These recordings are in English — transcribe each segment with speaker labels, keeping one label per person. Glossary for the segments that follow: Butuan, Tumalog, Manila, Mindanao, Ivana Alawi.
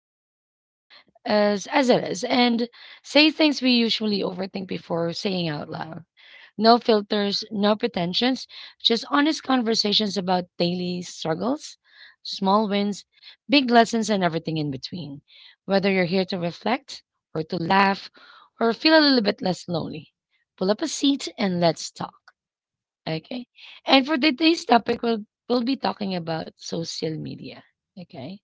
Speaker 1: talk life as it is, and say things we usually overthink before saying out loud. No filters, no pretensions, just honest conversations about daily struggles, small wins, big lessons, and everything in between. Whether you're here to reflect, or to laugh, or feel a little bit less lonely, pull up a seat and let's talk. Okay. And for today's topic, we'll be talking about social media. Okay.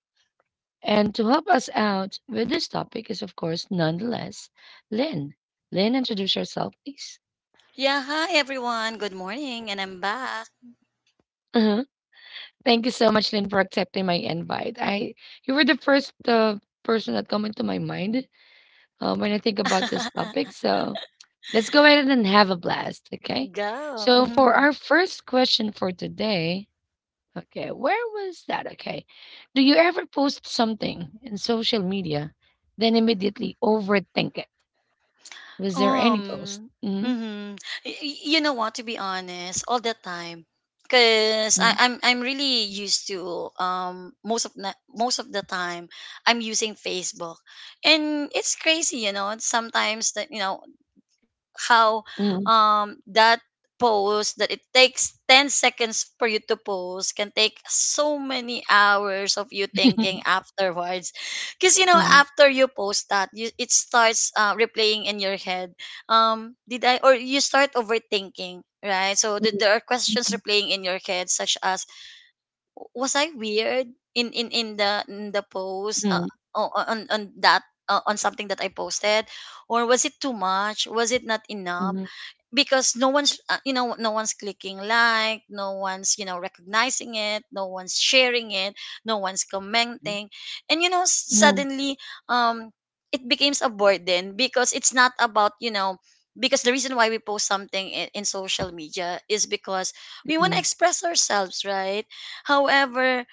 Speaker 1: And to help us out with this topic is, of course, nonetheless, Lynn. Lynn, introduce yourself, please.
Speaker 2: Yeah, hi everyone. Good morning, and I'm back.
Speaker 1: uh Thank you so much, Lynn, for accepting my invite. I, you were the first person that come into my mind when I think about this topic. So let's go ahead and have a blast, okay?
Speaker 2: Go.
Speaker 1: So for
Speaker 2: Mhm.
Speaker 1: our first question for today, okay, where was that? Okay, do you ever post something in social media, then immediately overthink it? Was there any post?
Speaker 2: Um.
Speaker 1: Mhm.
Speaker 2: hmm You know what? To be honest, all the time, because
Speaker 1: Mm.
Speaker 2: I'm really used to most of the time I'm using Facebook, and it's crazy, you know. Sometimes that you know how
Speaker 1: Mhm, mhm.
Speaker 2: that post that it takes 10 seconds for you to post can take so many hours of you thinking afterwards, because you know
Speaker 1: Mhm,
Speaker 2: after you post that, it starts replaying in your head. Did I or you start overthinking, right? So there are questions replaying in your head, such as: was I weird in the post,
Speaker 1: mhm,
Speaker 2: on that, on something that I posted, or was it too much, was it not
Speaker 1: mhm,
Speaker 2: enough?
Speaker 1: mhm,
Speaker 2: Because no one's no one's clicking like, no one's recognizing it, no one's sharing it, no one's commenting. And
Speaker 1: mhm,
Speaker 2: suddenly um it becomes a burden, because it's not about, because the reason why we post something in social media is because we want to
Speaker 1: mhm,
Speaker 2: express ourselves, right? However,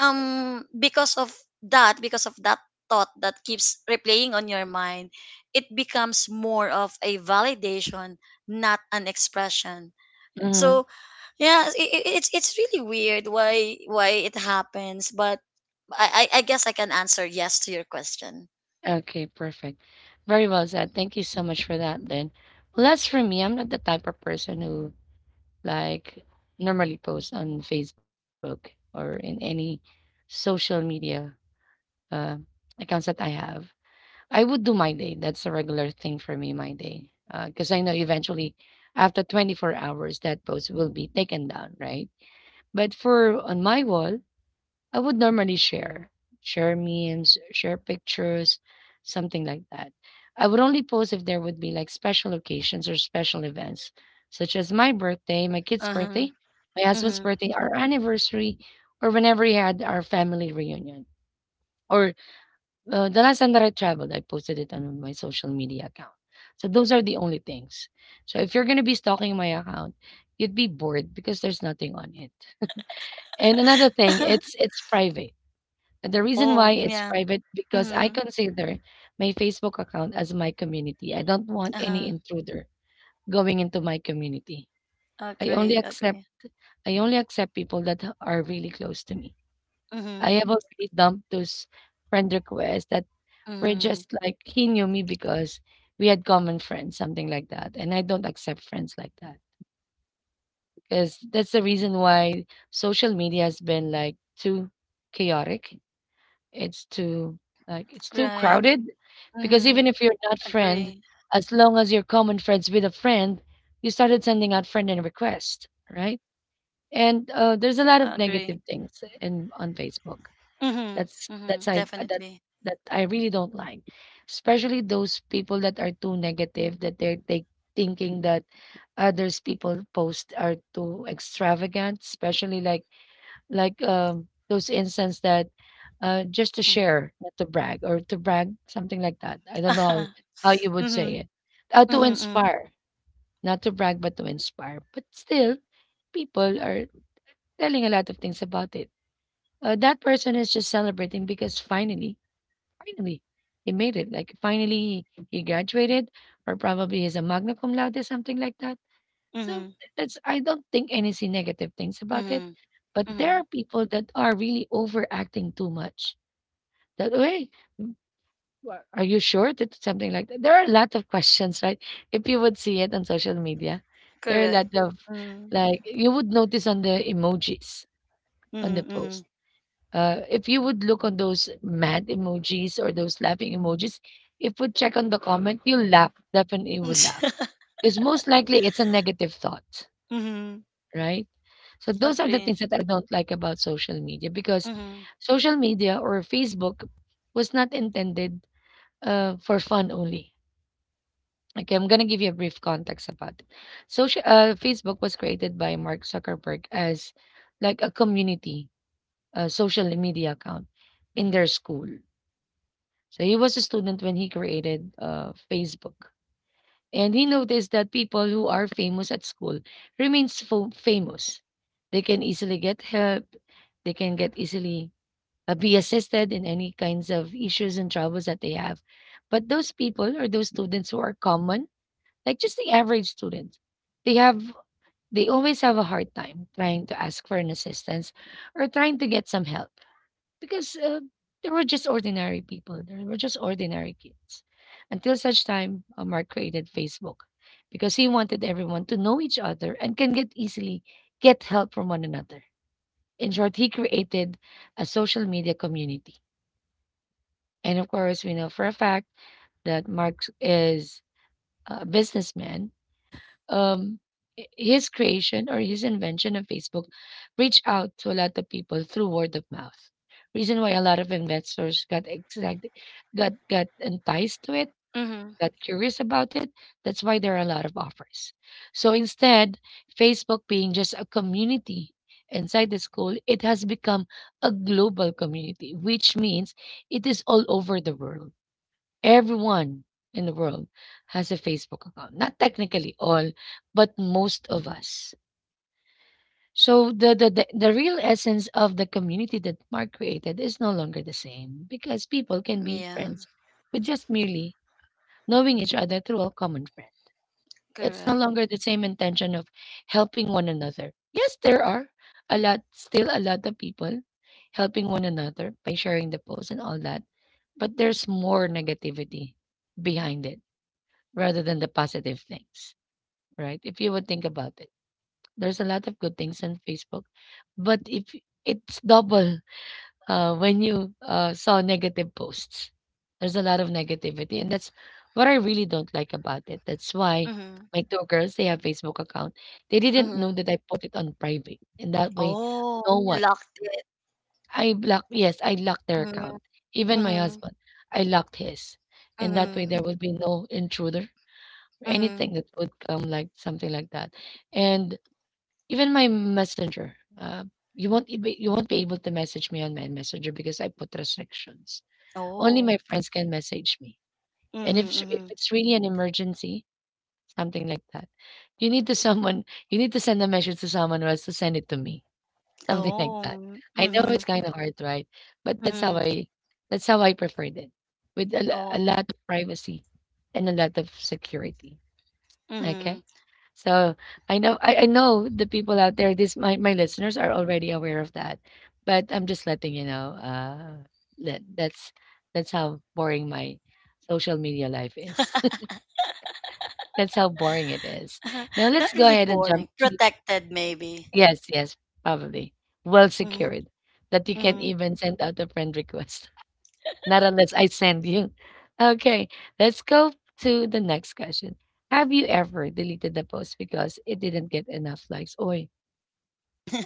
Speaker 2: um because of because of that thought that keeps replaying on your mind, it becomes more of a validation, not an expression.
Speaker 1: mhm.
Speaker 2: So yeah, it's really weird why it happens, but I guess I can answer yes to your question.
Speaker 1: Okay, perfect. Very well said. Thank you so much for that then. Well, as for me, I'm not the type of person who, like, normally posts on Facebook or in any social media uh, accounts that I have. I would do my day. That's a regular thing for me, my day. Because I know eventually after 24 hours, that post will be taken down, right? But for on my wall, I would normally share, share memes, share pictures, something like that. I would only post if there would be like special occasions or special events, such as my birthday, my kid's
Speaker 2: Uh-huh.
Speaker 1: birthday, my husband's
Speaker 2: Mm-hmm.
Speaker 1: birthday, our anniversary, or whenever we had our family reunion. Or the last time that I traveled, I posted it on my social media account. So those are the only things. So if you're gonna be stalking my account, you'd be bored because there's nothing on it. And another thing, it's private. And the reason why
Speaker 2: Oh,
Speaker 1: it's
Speaker 2: yeah.
Speaker 1: private, because I
Speaker 2: Mm-hmm.
Speaker 1: consider my Facebook account as my community. I don't want any
Speaker 2: Uh-huh.
Speaker 1: intruder going into my community. I only
Speaker 2: Agree.
Speaker 1: accept
Speaker 2: Agree.
Speaker 1: I only accept people that are really close to me. I
Speaker 2: Mm-hmm.
Speaker 1: have already dumped those friend requests that were
Speaker 2: Mm-hmm.
Speaker 1: just like he knew me because we had common friends, something like that. And I don't accept friends like that, because that's the reason why social media has been like too chaotic. It's too, like, it's too
Speaker 2: Right.
Speaker 1: crowded, because even
Speaker 2: Mm-hmm.
Speaker 1: if you're not friend,
Speaker 2: Agree.
Speaker 1: as long as you're common friends with a friend, you started sending out friend and request, right? And there's a lot of negative
Speaker 2: Agree.
Speaker 1: things in on Facebook.
Speaker 2: Mm-hmm. Mm-hmm.
Speaker 1: That's I that
Speaker 2: Definitely.
Speaker 1: that I really don't like, especially those people that are too negative, that they're they thinking that others people post are too extravagant, especially like those instances that, just to
Speaker 2: Mm-hmm.
Speaker 1: share, not to brag, or to brag, something like that. I don't know how you would say
Speaker 2: Mm-hmm.
Speaker 1: it. To
Speaker 2: Mm-hmm.
Speaker 1: inspire, not to brag, but to inspire. But still, people are telling a lot of things about it. That person is just celebrating because finally, finally, he made it. Like finally, he graduated, or probably he's a magna cum laude, something like that. So
Speaker 2: Mm-hmm.
Speaker 1: that's, I don't think anything negative things about it.
Speaker 2: Mm-hmm.
Speaker 1: But there
Speaker 2: Mm-hmm.
Speaker 1: are people that are really overacting too much. That way, what? Are you sure that something like that? There are a lot of questions, right? If you would see it on social media, there are a
Speaker 2: Correct.
Speaker 1: lot of,
Speaker 2: Mm-hmm.
Speaker 1: like, you would notice on the emojis on the
Speaker 2: Mm-hmm.
Speaker 1: post. If you would look on those mad emojis or those laughing emojis, if we check on the comment, you'll laugh. Definitely will laugh. Because most likely it's a negative thought,
Speaker 2: Mhm.
Speaker 1: right? So those are the things
Speaker 2: Agree.
Speaker 1: that I don't like about social media, because
Speaker 2: Mhm.
Speaker 1: social media or Facebook was not intended for fun only. Okay, I'm gonna give you a brief context about it. Social Facebook was created by Mark Zuckerberg as like a community, social media account in their school. So he was a student when he created Facebook, and he noticed that people who are famous at school remains famous. They can easily get help. They can get easily be assisted in any kinds of issues and troubles that they have. But those people, or those students who are common, like just the average student, they have, they always have a hard time trying to ask for an assistance or trying to get some help, because there were just ordinary people, there were just ordinary kids, until such time Mark created Facebook, because he wanted everyone to know each other and can get easily get help from one another. In short, he created a social media community. And of course, we know for a fact that Mark is a businessman. um, his creation or his invention of Facebook reached out to a lot of people through word of mouth. Reason why a lot of investors got excited, got enticed to it,
Speaker 2: Mhm.
Speaker 1: got curious about it. That's why there are a lot of offers. So instead, Facebook being just a community inside the school, it has become a global community, which means it is all over the world. Everyone in the world has a Facebook account. Not technically all, but most of us. So the real essence of the community that Mark created is no longer the same, because people can be
Speaker 2: Yeah.
Speaker 1: friends with just merely knowing each other through a common friend. It's no
Speaker 2: Correct.
Speaker 1: longer the same intention of helping one another. Yes, there are a lot still a lot of people helping one another by sharing the posts and all that, but there's more negativity behind it rather than the positive things, right? If you would think about it, there's a lot of good things on Facebook, but if it's double, when you saw negative posts, there's a lot of negativity, and that's what I really don't like about it. That's why
Speaker 2: Mhm.
Speaker 1: my two girls, they have Facebook account. They didn't know
Speaker 2: Mhm.
Speaker 1: that I put it on private, and that way,
Speaker 2: Oh,
Speaker 1: no
Speaker 2: you
Speaker 1: one.
Speaker 2: locked it.
Speaker 1: I block. Yes, I locked their
Speaker 2: Mhm.
Speaker 1: account. Even my
Speaker 2: Mhm.
Speaker 1: husband, I locked his, and that way
Speaker 2: Mhm.
Speaker 1: there would be no intruder,
Speaker 2: Mhm.
Speaker 1: anything that would come, like something like that. And even my messenger, you won't be able to message me on my messenger, because I put restrictions. Only my
Speaker 2: Oh.
Speaker 1: friends can message me. And if
Speaker 2: Mhm.
Speaker 1: s- if
Speaker 2: Mhm.
Speaker 1: it's really an emergency, something like that, you need to someone, you need to send a message to someone or else to send it to me, something like that.
Speaker 2: Oh.
Speaker 1: I know it's
Speaker 2: Mhm.
Speaker 1: kind of hard, right? But that's how
Speaker 2: Mhm.
Speaker 1: i that's how i preferred it, with a
Speaker 2: Oh.
Speaker 1: lot of privacy and a lot of security. Okay.
Speaker 2: Mhm.
Speaker 1: So I know the people out there, my listeners are already aware of that. But I'm just letting you know, that that's how boring my social media life is. That's how boring it is. Now
Speaker 2: Not
Speaker 1: let's go
Speaker 2: really
Speaker 1: ahead and jump
Speaker 2: boring.
Speaker 1: to.
Speaker 2: Protected, maybe.
Speaker 1: Yes, yes, probably. Well
Speaker 2: Mhm.
Speaker 1: secured. That you can
Speaker 2: Mhm.
Speaker 1: even send out a friend request. Not unless I send you. Okay, let's go to the next question. Have you ever deleted the post because it didn't get enough likes? Oi,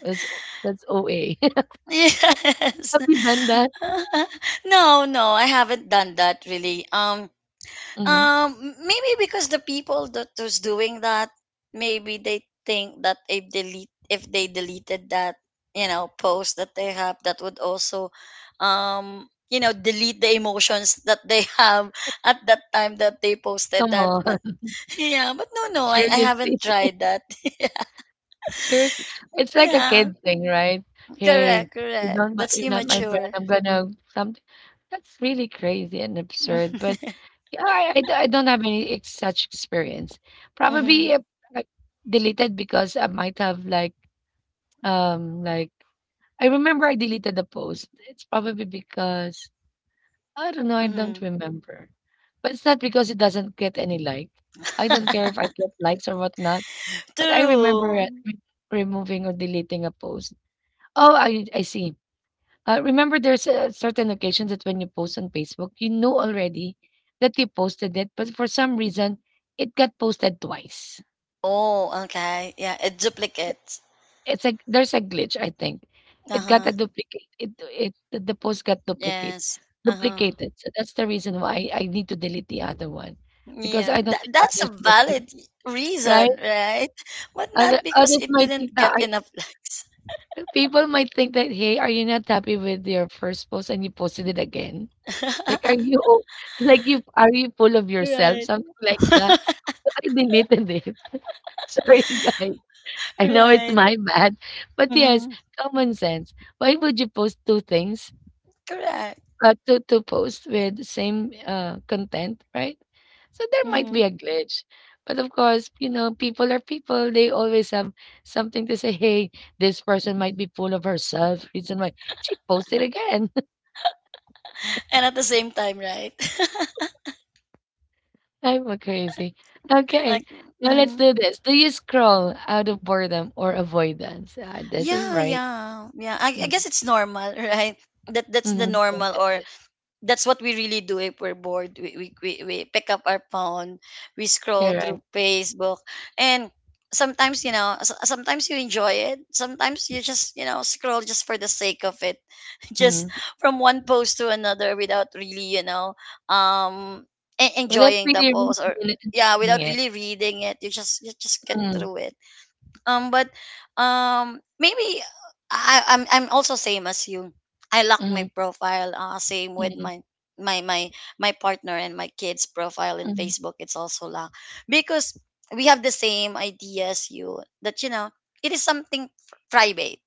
Speaker 1: that's that's OA.
Speaker 2: Yes.
Speaker 1: Have you done that?
Speaker 2: No, no, I haven't done that really.
Speaker 1: Hmm.
Speaker 2: Maybe because the people that was doing that, maybe they think that if they deleted that, post that they have, that would also, delete the emotions that they have at that time that they posted
Speaker 1: Come
Speaker 2: that. But
Speaker 1: on.
Speaker 2: yeah, but no, no, I haven't
Speaker 1: Seriously,
Speaker 2: tried that.
Speaker 1: seriously, it's like a
Speaker 2: Yeah,
Speaker 1: kid thing, right? Hey,
Speaker 2: correct,
Speaker 1: you
Speaker 2: correct.
Speaker 1: don't, my,
Speaker 2: That's
Speaker 1: you're not my friend.
Speaker 2: immature.
Speaker 1: I'm gonna something. That's really crazy and absurd, but yeah, I don't have any such experience.
Speaker 2: Mm-hmm,
Speaker 1: Probably I deleted because I might have like. Um, like, I remember I deleted the post. It's probably because I don't know, I don't
Speaker 2: mm-hmm.
Speaker 1: remember. But it's not because it doesn't get any like. I don't care if I get likes or whatnot. But I remember
Speaker 2: True.
Speaker 1: removing or deleting a post. Oh, I see. Remember, there's a certain occasions that when you post on Facebook, you know already that you posted it, but for some reason, it got posted twice.
Speaker 2: Oh, okay. Yeah, it duplicates.
Speaker 1: It's a There's a glitch, I think.
Speaker 2: Uh
Speaker 1: It got a
Speaker 2: huh.
Speaker 1: duplicate. It the post got duplicate
Speaker 2: Yes. Uh-huh.
Speaker 1: duplicated. So that's the reason why I need to delete the other one, because
Speaker 2: Yeah.
Speaker 1: I don't
Speaker 2: That
Speaker 1: think
Speaker 2: that's a
Speaker 1: others might think,
Speaker 2: valid
Speaker 1: right?
Speaker 2: reason, right? But
Speaker 1: Other,
Speaker 2: not because
Speaker 1: others
Speaker 2: it
Speaker 1: might
Speaker 2: didn't
Speaker 1: think that
Speaker 2: get enough likes.
Speaker 1: people might think that, hey, are you not happy with your first post and you posted it again? Like, are you like you are you full of yourself?
Speaker 2: Right.
Speaker 1: Something like that. So I deleted it. Sorry, guys. I know it's
Speaker 2: Right.
Speaker 1: my bad, but yes,
Speaker 2: Hmm.
Speaker 1: common sense. Why would you post two things?
Speaker 2: Correct.
Speaker 1: To post with the same, content, right? So there might
Speaker 2: Hmm.
Speaker 1: be a glitch. But of course, people are people. They always have something to say. Hey, this person might be full of herself. Reason why she posted again.
Speaker 2: And at the same time, right?
Speaker 1: I'm a crazy. Okay,
Speaker 2: Like,
Speaker 1: now let's
Speaker 2: mm,
Speaker 1: do this. Do you scroll out of boredom or avoidance? This is
Speaker 2: yeah,
Speaker 1: right.
Speaker 2: yeah, yeah. I
Speaker 1: Mm,
Speaker 2: guess it's normal, right? That's the
Speaker 1: mhm, yes,
Speaker 2: normal,
Speaker 1: yes,
Speaker 2: or
Speaker 1: yes.
Speaker 2: that's what we really do if we're bored. We pick up our phone, we scroll
Speaker 1: Correct.
Speaker 2: through Facebook, and sometimes, sometimes you enjoy it. Sometimes you just, you know, scroll just for the sake of it, just
Speaker 1: Mhm.
Speaker 2: from one post to another without really, you know, um,
Speaker 1: Well, that's
Speaker 2: enjoying the
Speaker 1: really reading
Speaker 2: post, or
Speaker 1: it and
Speaker 2: yeah,
Speaker 1: enjoying
Speaker 2: without
Speaker 1: it.
Speaker 2: really reading it. You just get
Speaker 1: Mm,
Speaker 2: through it. But maybe I'm also same as you. I lock my
Speaker 1: mhm,
Speaker 2: profile. Same with
Speaker 1: mhm,
Speaker 2: my my partner and my kids' profile in
Speaker 1: mhm,
Speaker 2: Facebook. It's also locked, because we have the same idea as you, that you know it is something private,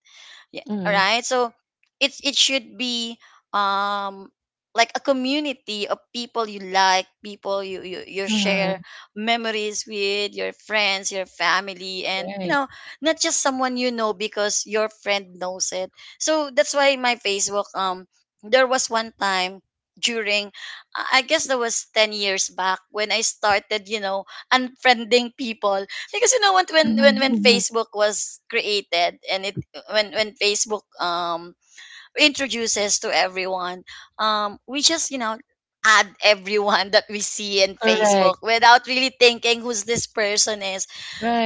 Speaker 2: yeah, all
Speaker 1: mhm,
Speaker 2: right. So it should be um like a community of people you like, people you, you you share
Speaker 1: mhm.
Speaker 2: memories with, your friends, your family, and, you
Speaker 1: Right.
Speaker 2: know, not just someone you know because your friend knows it. So that's why my Facebook, there was one time during I guess that was 10 years back when I started, you know, unfriending people, because you know what, when when
Speaker 1: Mhm,
Speaker 2: when
Speaker 1: mhm.
Speaker 2: Facebook was created, and it when Facebook introduces to everyone, we just, you know, add everyone that we see in Facebook
Speaker 1: Correct.
Speaker 2: without really thinking who's this person is.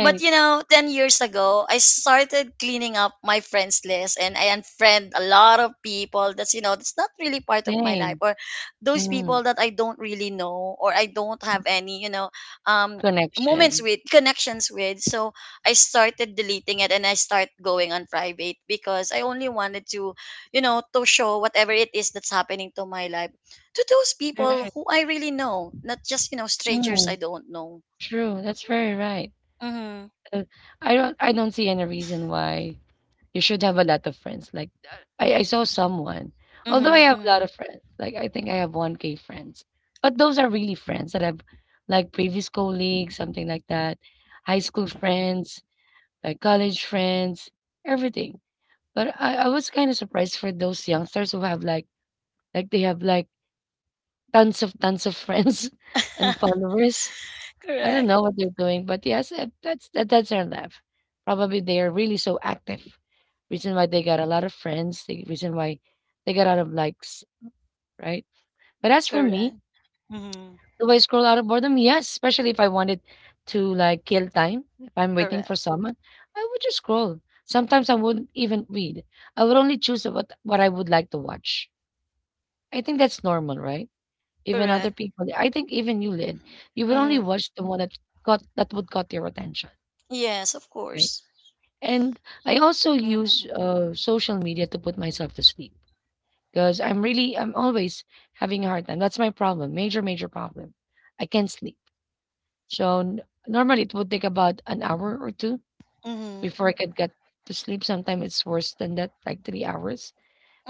Speaker 2: But you know, 10 years ago, I started cleaning up my friends list and I unfriend a lot of people that's, you know, that's not really part of my life,
Speaker 1: Same.
Speaker 2: or those
Speaker 1: Mm.
Speaker 2: people that I don't really know or I don't have any, you know, um, moments
Speaker 1: Connection.
Speaker 2: with connections with. So I started deleting it and I start going on private, because I only wanted to, you know, to show whatever it is that's happening to my life to those people
Speaker 1: Correct.
Speaker 2: who I really know, not just, you know, strangers I
Speaker 1: Mm.
Speaker 2: don't know.
Speaker 1: True. That's very right.
Speaker 2: Mm-hmm.
Speaker 1: Uh, I don't see any reason why you should have a lot of friends. Like I saw someone. Although I
Speaker 2: Mm-hmm.
Speaker 1: have a
Speaker 2: Mm-hmm.
Speaker 1: lot of friends, like I think I have 1K friends. But those are really friends that I've, like previous colleagues, something like that, high school friends, like college friends, everything. But I was kind of surprised for those youngsters who have like— like, they have, like, tons of friends and followers. I don't
Speaker 2: Correct,
Speaker 1: know what they're doing, but yes, that's their life. Probably they are really so active. Reason why they got a lot of friends, the reason why they got a lot of likes, right? But as for
Speaker 2: correct.
Speaker 1: me,
Speaker 2: Mm-hmm.
Speaker 1: do I scroll out of boredom? Yes, especially if I wanted to, like, kill time. If I'm waiting for
Speaker 2: Correct,
Speaker 1: someone, I would just scroll. Sometimes I wouldn't even read. I would only choose what I would like to watch. I think that's normal, right? Even other
Speaker 2: correct.
Speaker 1: people, I think even you, Lynn, you would only
Speaker 2: Mm-hmm.
Speaker 1: watch the one that got— that would got your attention,
Speaker 2: Yes, of
Speaker 1: right?
Speaker 2: course.
Speaker 1: And I also use
Speaker 2: Mm-hmm.
Speaker 1: social media to put myself to sleep because I'm always having a hard time. That's my problem, major major problem. I can't sleep. So normally it would take about an hour or two
Speaker 2: Mm-hmm.
Speaker 1: before I could get to sleep. Sometimes it's worse than that, like 3 hours.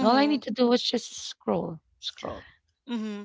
Speaker 1: And all I need to do is just scroll, scroll.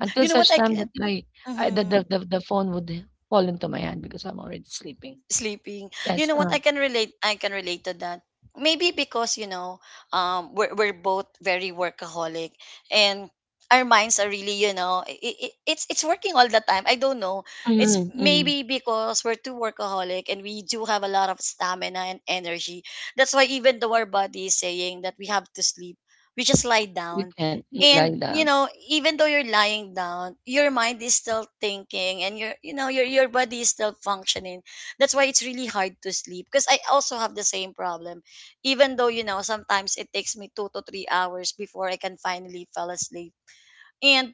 Speaker 1: Until
Speaker 2: know what
Speaker 1: such
Speaker 2: I
Speaker 1: time
Speaker 2: can.
Speaker 1: that I I the
Speaker 2: Mm-hmm.
Speaker 1: the the the phone would fall into my hand because I'm already sleeping.
Speaker 2: Sleeping. You
Speaker 1: Yes,
Speaker 2: know what? I can relate. I can relate to that. Maybe because, you know, we're both very workaholic, and our minds are really, you know, it's working all the time. I don't know. It's
Speaker 1: mhm, mhm.
Speaker 2: maybe because we're too workaholic and we do have a lot of stamina and energy. That's why, even though our body is saying that we have to sleep, we just lie
Speaker 1: We
Speaker 2: down.
Speaker 1: can mm, like
Speaker 2: And
Speaker 1: that.
Speaker 2: you know, even though you're lying down, your mind is still thinking, and your, you know, your body is still functioning. That's why it's really hard to sleep, because I also have the same problem, even though you know sometimes it takes me 2 to 3 hours before I can finally fall asleep. And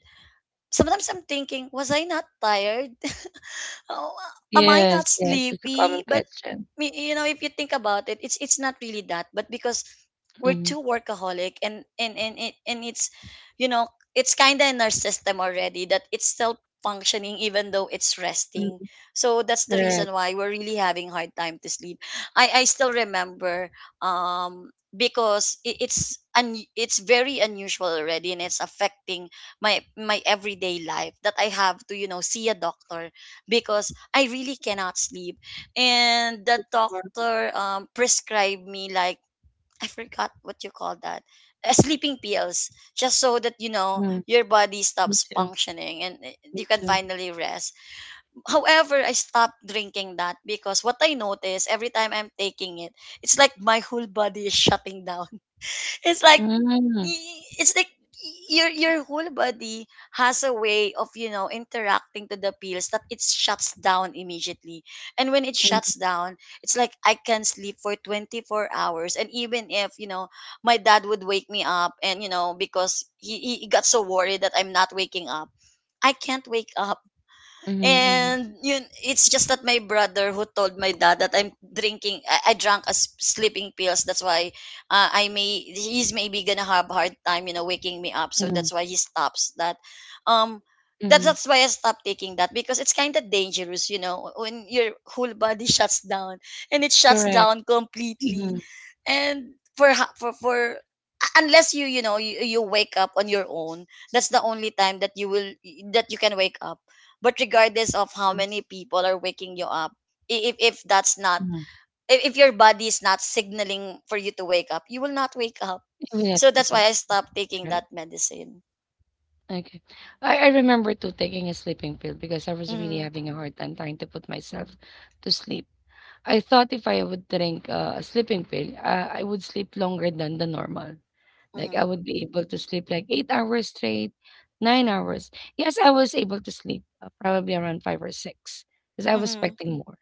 Speaker 2: sometimes I'm thinking, was I not tired? Oh, am I not
Speaker 1: Yes, yes, it's a
Speaker 2: sleepy?
Speaker 1: common
Speaker 2: But
Speaker 1: question.
Speaker 2: you know, if you think about it, it's not really that, but because we're
Speaker 1: Mhm,
Speaker 2: too workaholic, and it's, you know it's kind of in our system already that it's still functioning, even though it's resting.
Speaker 1: mm,
Speaker 2: So that's the
Speaker 1: correct.
Speaker 2: reason why we're really having hard time to sleep. I still remember, because it's very unusual already, and it's affecting my everyday life, that I have to, you know, see a doctor, because I really cannot sleep. And the
Speaker 1: It's for
Speaker 2: doctor prescribed me like, I forgot what you call that, sleeping pills, just so that, you know,
Speaker 1: mm,
Speaker 2: your body
Speaker 1: me
Speaker 2: stops
Speaker 1: too,
Speaker 2: functioning, and
Speaker 1: me
Speaker 2: you can
Speaker 1: too.
Speaker 2: finally rest. However, I stopped drinking that, because what I noticed every time I'm taking it, it's like my whole body is shutting down. It's like
Speaker 1: Mm,
Speaker 2: it's like your whole body has a way of, you know, interacting to the pills, that it shuts down immediately. And when it
Speaker 1: mm,
Speaker 2: shuts down, it's like I can sleep for 24 hours, and even if, you know, my dad would wake me up, and you know, because he got so worried that I'm not waking up, I can't wake up.
Speaker 1: mhm, mhm,
Speaker 2: And yun, it's just that my brother who told my dad that I'm drinking, I drank as sleeping pills. That's why, he's maybe gonna have hard time, you know, waking me up. So
Speaker 1: mhm,
Speaker 2: that's why he stops that. Um,
Speaker 1: mhm,
Speaker 2: that's why I stopped taking that, because it's kind of dangerous, you know, when your whole body shuts down, and it shuts
Speaker 1: correct.
Speaker 2: down completely.
Speaker 1: Mhm,
Speaker 2: And for, unless you, you know, you wake up on your own, that's the only time that you will that you can wake up, but regardless of
Speaker 1: mhm,
Speaker 2: how many people are waking you up, i- if if that's not
Speaker 1: mhm.
Speaker 2: if your body is not signaling for you to wake up, you will not wake up.
Speaker 1: Even at
Speaker 2: So
Speaker 1: pick
Speaker 2: that's
Speaker 1: up.
Speaker 2: why I stopped
Speaker 1: That's
Speaker 2: taking
Speaker 1: right.
Speaker 2: that medicine.
Speaker 1: Okay. I remember too taking a sleeping pill because I was really
Speaker 2: Mm-hmm.
Speaker 1: having a hard time trying to put myself to sleep. I thought if I would drink a sleeping pill, I would sleep longer than the normal. Like I
Speaker 2: Mm-hmm.
Speaker 1: would be able to sleep like 8 hours straight, 9 hours. Yes, I was able to sleep probably around five or six because I was
Speaker 2: Mm-hmm.
Speaker 1: expecting more.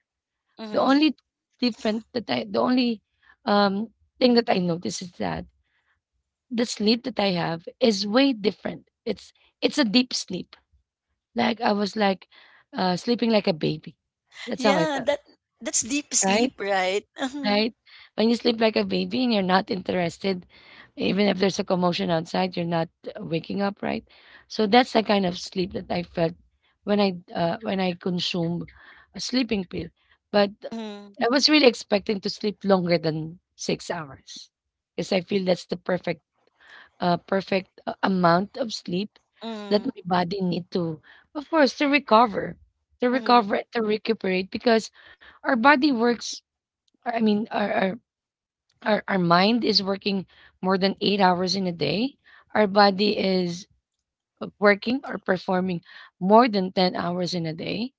Speaker 1: The
Speaker 2: Mm-hmm.
Speaker 1: only different that I— the only um, thing that I noticed is that the sleep that I have is way different. It's— it's a deep sleep. Like I was like sleeping like a baby. That's how I
Speaker 2: Yeah,
Speaker 1: felt,
Speaker 2: that's deep
Speaker 1: right?
Speaker 2: sleep, right? Mm-hmm.
Speaker 1: Right? When you sleep like a baby and you're not interested, even if there's a commotion outside, you're not waking up, right? So that's the kind of sleep that I felt when I consumed a sleeping pill. But
Speaker 2: Mm-hmm.
Speaker 1: I was really expecting to sleep longer than 6 hours, because I feel that's the perfect perfect amount of sleep that
Speaker 2: Mm-hmm.
Speaker 1: my body need to, of course, to recover, to
Speaker 2: Mm-hmm.
Speaker 1: recover, to recuperate, because our body works. I mean, our our mind is working more than 8 hours in a day. Our body is working or performing more than 10 hours in a day,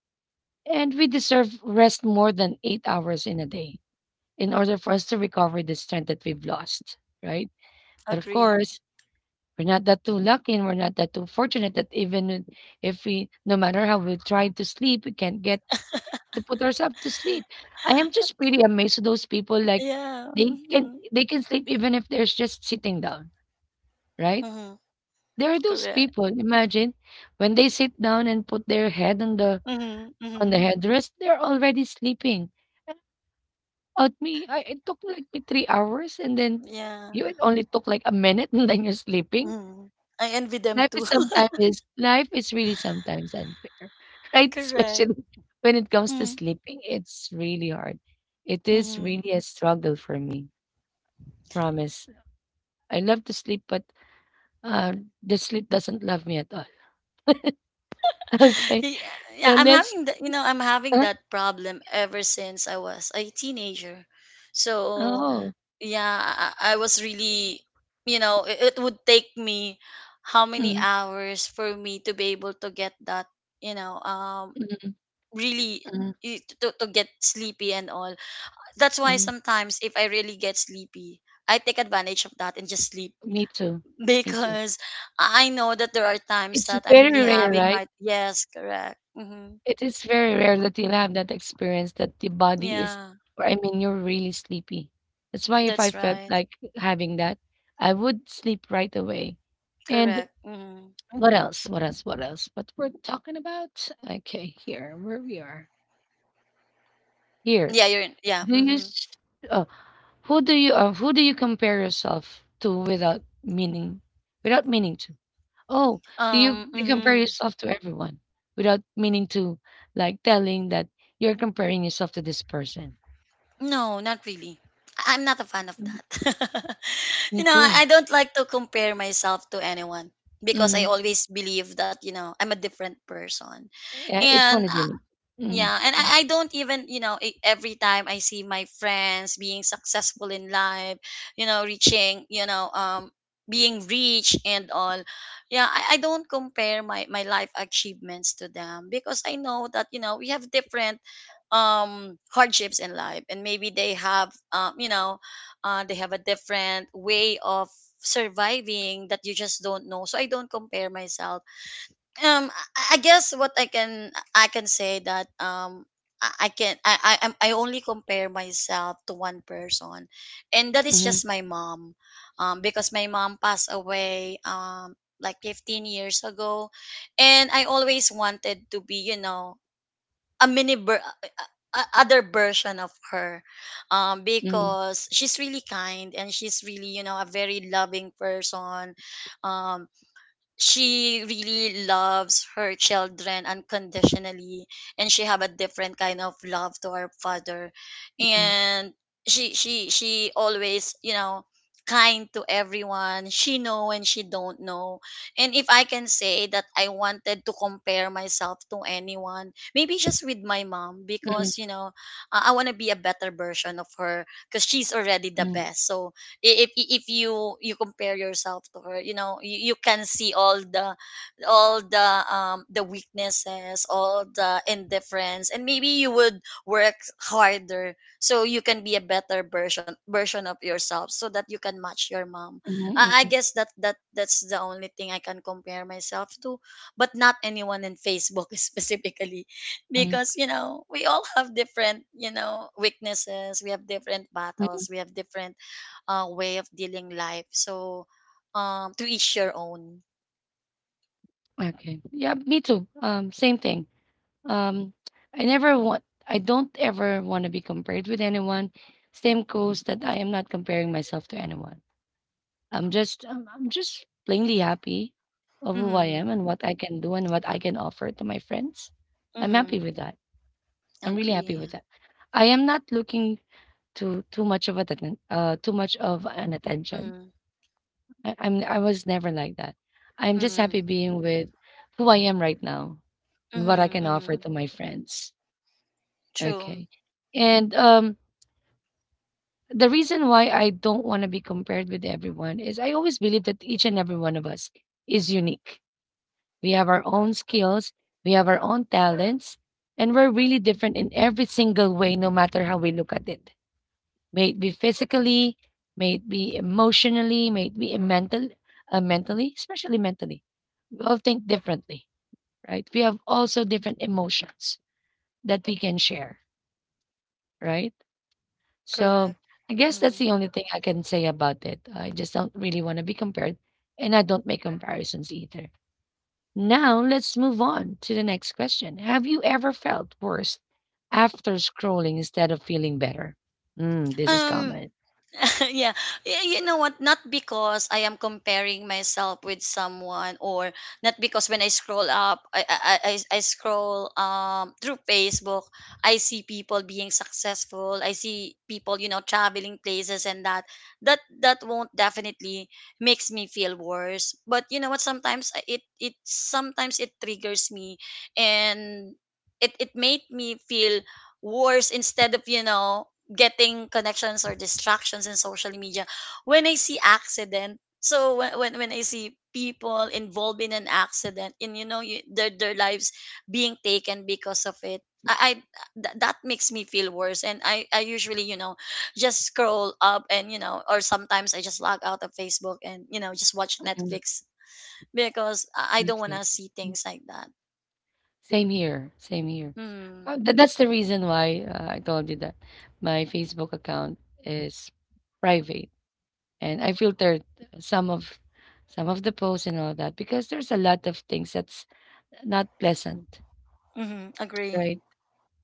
Speaker 1: and we deserve rest more than 8 hours in a day in order for us to recover the strength that we've lost, right? But of
Speaker 2: Agree.
Speaker 1: course, we're not that too lucky and we're not that too fortunate that even if we— no matter how we try to sleep, we can't get to put ourselves to sleep. I am just really amazed at those people, like
Speaker 2: Yeah.
Speaker 1: they can
Speaker 2: Mm-hmm.
Speaker 1: they can sleep even if they're just sitting down, right?
Speaker 2: Mm-hmm.
Speaker 1: There are those
Speaker 2: Correct.
Speaker 1: people, imagine when they sit down and put their head on the—
Speaker 2: Mm-hmm.
Speaker 1: on the
Speaker 2: Mm-hmm.
Speaker 1: headrest, they're already sleeping. And— out me, I, it took like me 3 hours, and then
Speaker 2: Yeah.
Speaker 1: you— it only took like a minute and then you're sleeping.
Speaker 2: Mm-hmm. I envy them
Speaker 1: Life
Speaker 2: too.
Speaker 1: is sometimes— is life is really sometimes unfair, right?
Speaker 2: Correct.
Speaker 1: Especially when it comes to
Speaker 2: Mm-hmm.
Speaker 1: sleeping, it's really hard. It is
Speaker 2: Mm-hmm.
Speaker 1: really a struggle for me. Promise. I love to sleep, but uh, the sleep doesn't love me at all. Okay,
Speaker 2: Y- yeah,
Speaker 1: so let's.
Speaker 2: I'm having
Speaker 1: Uh,
Speaker 2: that problem ever since I was a teenager, so
Speaker 1: oh,
Speaker 2: yeah. I was really, you know, it would take me how many
Speaker 1: mm,
Speaker 2: hours for me to be able to get that, you know,
Speaker 1: mm,
Speaker 2: really
Speaker 1: mm,
Speaker 2: to get sleepy and all. That's why
Speaker 1: mm.
Speaker 2: sometimes if I really get sleepy, I take advantage of that and just sleep.
Speaker 1: Me too. Me too.
Speaker 2: Because I know that there are times
Speaker 1: It's
Speaker 2: that I'm
Speaker 1: very
Speaker 2: really
Speaker 1: rare,
Speaker 2: having
Speaker 1: right?
Speaker 2: hard. Yes, correct. Hmm.
Speaker 1: It is very rare that you'll have that experience that the body is,
Speaker 2: Yeah.
Speaker 1: or I mean, you're really sleepy. That's why if I
Speaker 2: That's
Speaker 1: felt
Speaker 2: right.
Speaker 1: like having that, I would sleep right away. And
Speaker 2: Correct. Hmm.
Speaker 1: what else? What else? What else? What we're talking about? Okay, here, where we are. Here,
Speaker 2: Yeah, you're in. Yeah.
Speaker 1: do you?
Speaker 2: Hmm.
Speaker 1: s- Uh, who do you? Who do you compare yourself to without meaning? Without meaning to? Oh, do you
Speaker 2: Um.
Speaker 1: do you compare
Speaker 2: hmm
Speaker 1: yourself to everyone without meaning to, like, telling that you're comparing yourself to this person?
Speaker 2: No, not really. I'm not a fan of
Speaker 1: Mhm.
Speaker 2: that.
Speaker 1: Me
Speaker 2: You know,
Speaker 1: too.
Speaker 2: I don't like to compare myself to anyone, because I
Speaker 1: Mhm.
Speaker 2: always believe that, you know, I'm a different person,
Speaker 1: Yeah, each
Speaker 2: and
Speaker 1: one is
Speaker 2: I...
Speaker 1: unique. Mm.
Speaker 2: Yeah, and
Speaker 1: Right.
Speaker 2: I don't even, you know, every time I see my friends being successful in life, you know, reaching, you know, being rich and all. Yeah, I don't compare my life achievements to them, because I know that, you know, we have different hardships in life, and maybe they have they have a different way of surviving that you just don't know. So I don't compare myself. I guess what I can say that I can I only compare myself to one person, and that is just
Speaker 1: Mhm,
Speaker 2: my mom, because my mom passed away like 15 years ago, and I always wanted to be a mini ver- a- other version of her,
Speaker 1: mhm,
Speaker 2: because she's really kind and she's really a very loving person, um she really loves her children unconditionally, and she have a different kind of love to her father,
Speaker 1: mhm,
Speaker 2: and she always kind to everyone she know and she don't know. And if I can say that I wanted to compare myself to anyone, maybe just with my mom, because you
Speaker 1: mhm,
Speaker 2: know I want to be a better version of her because she's already the
Speaker 1: mhm,
Speaker 2: best. So if you compare yourself to her, you know you can see all the the weaknesses, all the indifference, and maybe you would work harder so you can be a better version of yourself so that you can match your mom. I guess
Speaker 1: mhm,
Speaker 2: that's the only thing I can compare myself to, but not anyone in facebook specifically, because
Speaker 1: mhm,
Speaker 2: you know we all have different, you know, weaknesses, we have different
Speaker 1: mhm.
Speaker 2: battles, we have different way of dealing life. So, to each your own.
Speaker 1: Okay. Yeah, me too. Same thing. Um, I never want— I don't ever want to be compared with anyone. Same goes that I am not comparing myself to anyone. I'm just plainly happy of who I am
Speaker 2: Mm-hmm.
Speaker 1: and what I can do and what I can offer to my friends. I'm happy
Speaker 2: Mm-hmm.
Speaker 1: with that. I'm really happy
Speaker 2: Agree.
Speaker 1: with that. I am not looking to too much of a too much of an attention.
Speaker 2: Mm-hmm.
Speaker 1: I I was never like that. I'm just
Speaker 2: Mm-hmm.
Speaker 1: happy being with who I am right now and what I
Speaker 2: Mm-hmm.
Speaker 1: can offer
Speaker 2: Mm-hmm.
Speaker 1: to my friends.
Speaker 2: True.
Speaker 1: Okay. And the reason why I don't want to be compared with everyone is I always believe that each and every one of us is unique. We have our own skills, we have our own talents, and we're really different in every single way, no matter how we look at it. May it be physically, may it be emotionally, may it be mentally, especially mentally. We all think differently, right? We have also different emotions that we can share, right? So
Speaker 2: Correct.
Speaker 1: I guess that's
Speaker 2: Mm.
Speaker 1: the only thing I can say about it. I just don't really want to be compared, and I don't make comparisons either. Now let's move on to the next question. Have you ever felt worse after scrolling instead of feeling better? Mm, this is
Speaker 2: Um.
Speaker 1: common.
Speaker 2: Yeah. You know what? Not because I am comparing myself with someone, or not because when I scroll up, I I scroll through Facebook, I see people being successful. I see people, you know, traveling places and that. That won't definitely makes me feel worse. But you know what? Sometimes it it sometimes it triggers me, and it made me feel worse instead of, you know, getting connections or distractions in social media, when I see accident. So when I see people involved in an accident, and you know, their lives being taken because of it, I, I that makes me feel worse. And I usually, you know, just scroll up, and you know, or sometimes I just log out of facebook and, you know, just watch
Speaker 1: Mm.
Speaker 2: netflix, because I don't want
Speaker 1: Okay.
Speaker 2: to see things like that.
Speaker 1: Same here, same here.
Speaker 2: Mm.
Speaker 1: That's the reason why I told you that my Facebook account is private, and I filtered some of some of the posts and all that because there's a lot of things that's not pleasant,
Speaker 2: Mm-hmm. Agree.
Speaker 1: right?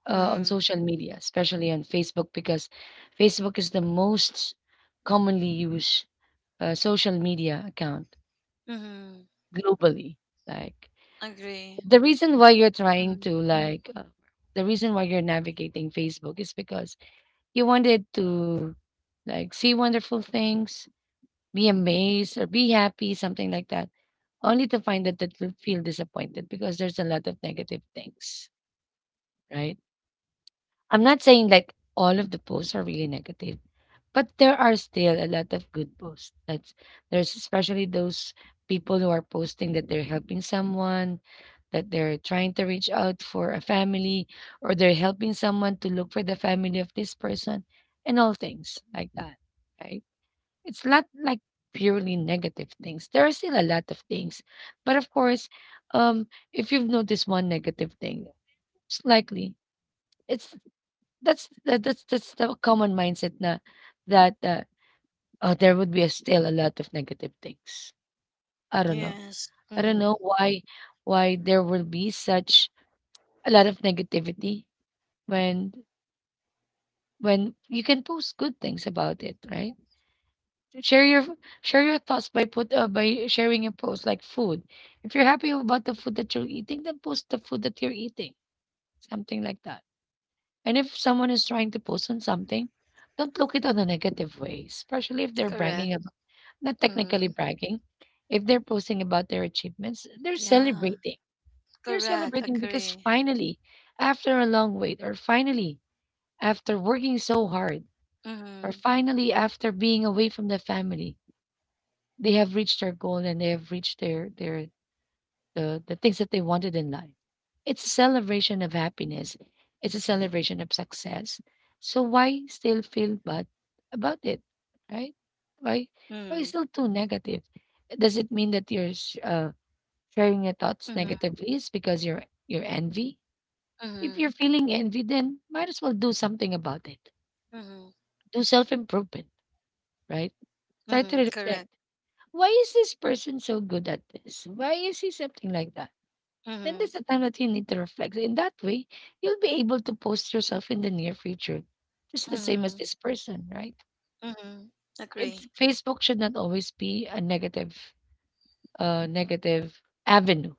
Speaker 1: On
Speaker 2: Mm.
Speaker 1: social media, especially on Facebook, because Facebook is the most commonly used social media account
Speaker 2: Mm-hmm.
Speaker 1: globally. Like
Speaker 2: Agree.
Speaker 1: the reason why you're trying to
Speaker 2: Mm-hmm.
Speaker 1: like the reason why you're navigating Facebook is because you wanted to like see wonderful things, be amazed or be happy, something like that, only to find that you feel disappointed because there's a lot of negative things, right? I'm not saying like all of the posts are really negative, but there are still a lot of good posts. That's— there's especially those people who are posting that they're helping someone, that they're trying to reach out for a family, or they're helping someone to look for the family of this person, and all things like that. Right? It's not like purely negative things. There are still a lot of things, but of course, um, if you've noticed one negative thing, it's likely it's that's that's the common mindset na that oh, there would be a still a lot of negative things. I don't know.
Speaker 2: Yes.
Speaker 1: I don't
Speaker 2: Mm-hmm.
Speaker 1: know why why there will be such a lot of negativity when you can post good things about it, right? Share your share your thoughts by put by sharing your post like food. If you're happy about the food that you're eating, then post the food that you're eating. Something like that. And if someone is trying to post on something, don't look it on a negative way, especially if they're
Speaker 2: Correct.
Speaker 1: bragging. Not technically
Speaker 2: Mm.
Speaker 1: bragging. If they're posting about their achievements, they're
Speaker 2: Yeah.
Speaker 1: celebrating. They're
Speaker 2: Correct.
Speaker 1: celebrating because
Speaker 2: Agree.
Speaker 1: finally, after a long wait, or finally, after working so hard, or
Speaker 2: Mm-hmm.
Speaker 1: finally, after being away from the family, they have reached their goal and they have reached the things that they wanted in life. It's a celebration of happiness. It's a celebration of success. So why still feel bad about it, right? Why why
Speaker 2: Mm.
Speaker 1: still too negative? Does it mean that you're sharing your thoughts
Speaker 2: Mm-hmm.
Speaker 1: negatively? It's because you're envy. If
Speaker 2: Mm-hmm.
Speaker 1: you're feeling envy, then might as well do something about it.
Speaker 2: Mm-hmm.
Speaker 1: Do self improvement, right? Try to
Speaker 2: Mm-hmm.
Speaker 1: reflect.
Speaker 2: Correct.
Speaker 1: Why is this person so good at this? Why is he something like that? Then
Speaker 2: Mm-hmm.
Speaker 1: there's a time that you need to reflect. In that way, you'll be able to post yourself in the near future, just the same as
Speaker 2: Mm-hmm.
Speaker 1: this person, right?
Speaker 2: Mm-hmm.
Speaker 1: It's
Speaker 2: Agree.
Speaker 1: Facebook should not always be a negative, negative avenue.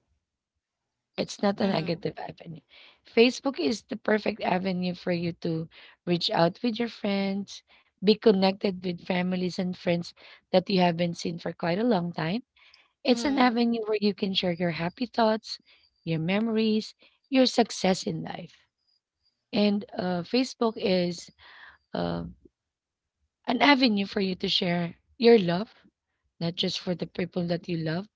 Speaker 1: It's not a
Speaker 2: Mm-hmm.
Speaker 1: negative avenue. Facebook is the perfect avenue for you to reach out with your friends, be connected with families and friends that you haven't seen for quite a long time. It's an
Speaker 2: Mm-hmm.
Speaker 1: avenue where you can share your happy thoughts, your memories, your success in life. And Facebook is uh, an avenue for you to share your love, not just for the people that you love,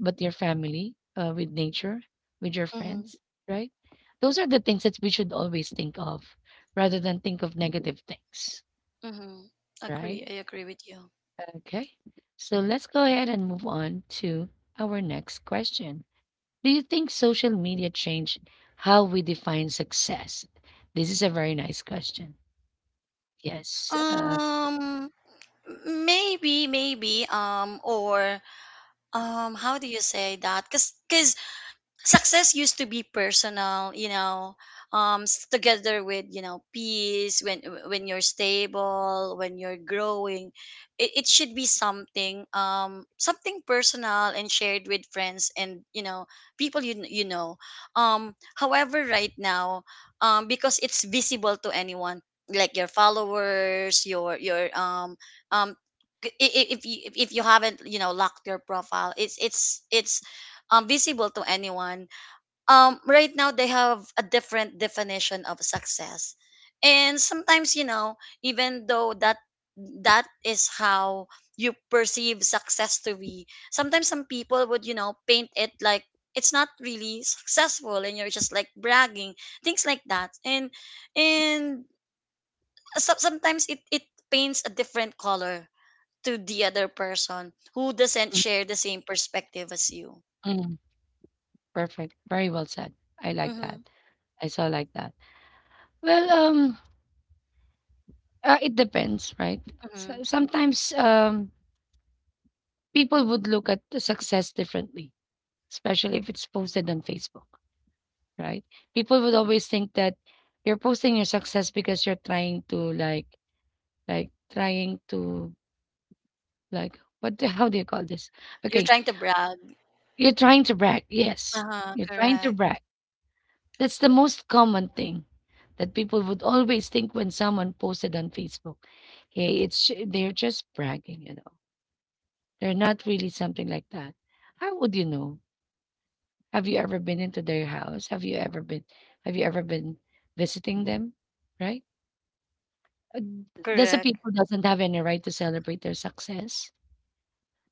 Speaker 1: but your family, with nature, with your
Speaker 2: Mm-hmm.
Speaker 1: friends, right? Those are the things that we should always think of rather than think of negative things,
Speaker 2: Mm-hmm.
Speaker 1: right?
Speaker 2: Agree. I agree with you.
Speaker 1: Okay. So let's go ahead and move on to our next question. Do you think social media changed how we define success? This is a very nice question. Yes.
Speaker 2: Um. Maybe. Maybe. Or. How do you say that? Cause success used to be personal, you know, together with, you know, peace, when you're stable, when you're growing. It should be something, something personal and shared with friends and, you know, people you know. However, right now, because it's visible to anyone, like your followers, your um if you haven't, you know, locked your profile, it's visible to anyone. Right now they have a different definition of success, and sometimes, you know, even though that that is how you perceive success to be, sometimes some people would, you know, paint it like it's not really successful and you're just like bragging, things like that, and so sometimes it paints a different color to the other person who doesn't
Speaker 1: Mm,
Speaker 2: share the same perspective as you.
Speaker 1: mm. Perfect. Very well said. I like
Speaker 2: Mm-hmm.
Speaker 1: that. I so like that. Well, it depends, right?
Speaker 2: Mm-hmm.
Speaker 1: So sometimes people would look at the success differently, especially if it's posted on Facebook, right? People would always think that you're posting your success because you're trying to like trying to like, what the, how do you call this?
Speaker 2: You're
Speaker 1: Okay,
Speaker 2: trying to brag.
Speaker 1: you're trying to brag. Yes,
Speaker 2: Uh-huh,
Speaker 1: you're trying to
Speaker 2: correct.
Speaker 1: brag. That's the most common thing that people would always think when someone posted on Facebook. Hey, it's they're just bragging, you know. They're not really something like that. How would you know? Have you ever been into their house? Have you ever been visiting them? Right? Uh, does a
Speaker 2: Correct.
Speaker 1: people doesn't have any right to celebrate their success?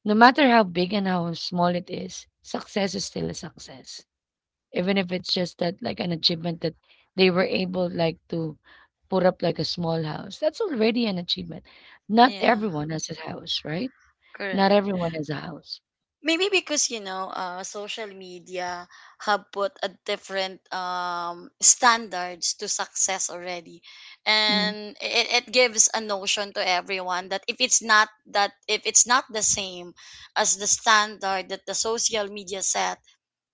Speaker 1: No matter how big and how small it is, success is still a success. Even if it's just that like an achievement that they were able like to put up like a small house, that's already an achievement. Not
Speaker 2: Yeah,
Speaker 1: everyone has a house, right? Not
Speaker 2: correct.
Speaker 1: everyone has a house.
Speaker 2: Maybe because, you know, social media have put a different standards to success already,
Speaker 1: Mm.
Speaker 2: and it gives a notion to everyone that if it's not the same as the standard that the social media set,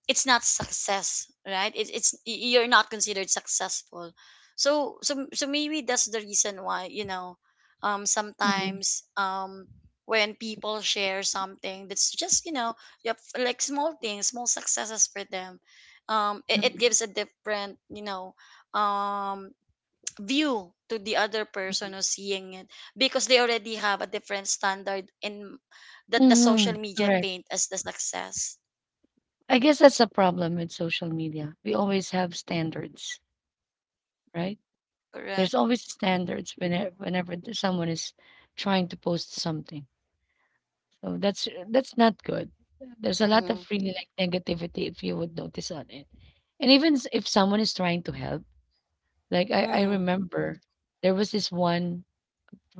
Speaker 2: it's not success, right? You're not considered successful. So maybe that's the reason why, you know,
Speaker 1: Mhm,
Speaker 2: sometimes when people share something that's just, you know, yep, like small things, small successes for them, it
Speaker 1: mhm,
Speaker 2: gives a different, you know, um view to the other
Speaker 1: mhm.
Speaker 2: person who's seeing it, because they already have a different standard in that the social
Speaker 1: Mhm,
Speaker 2: media
Speaker 1: correct.
Speaker 2: paint as the success.
Speaker 1: I guess that's a problem with social media, we always have standards, right? There's
Speaker 2: Correct.
Speaker 1: always standards whenever someone is trying to post something. So that's not good. There's a lot of
Speaker 2: Mm-hmm.
Speaker 1: really like negativity if you would notice on it. And even if someone is trying to help, like I
Speaker 2: Mhm.
Speaker 1: remember there was this one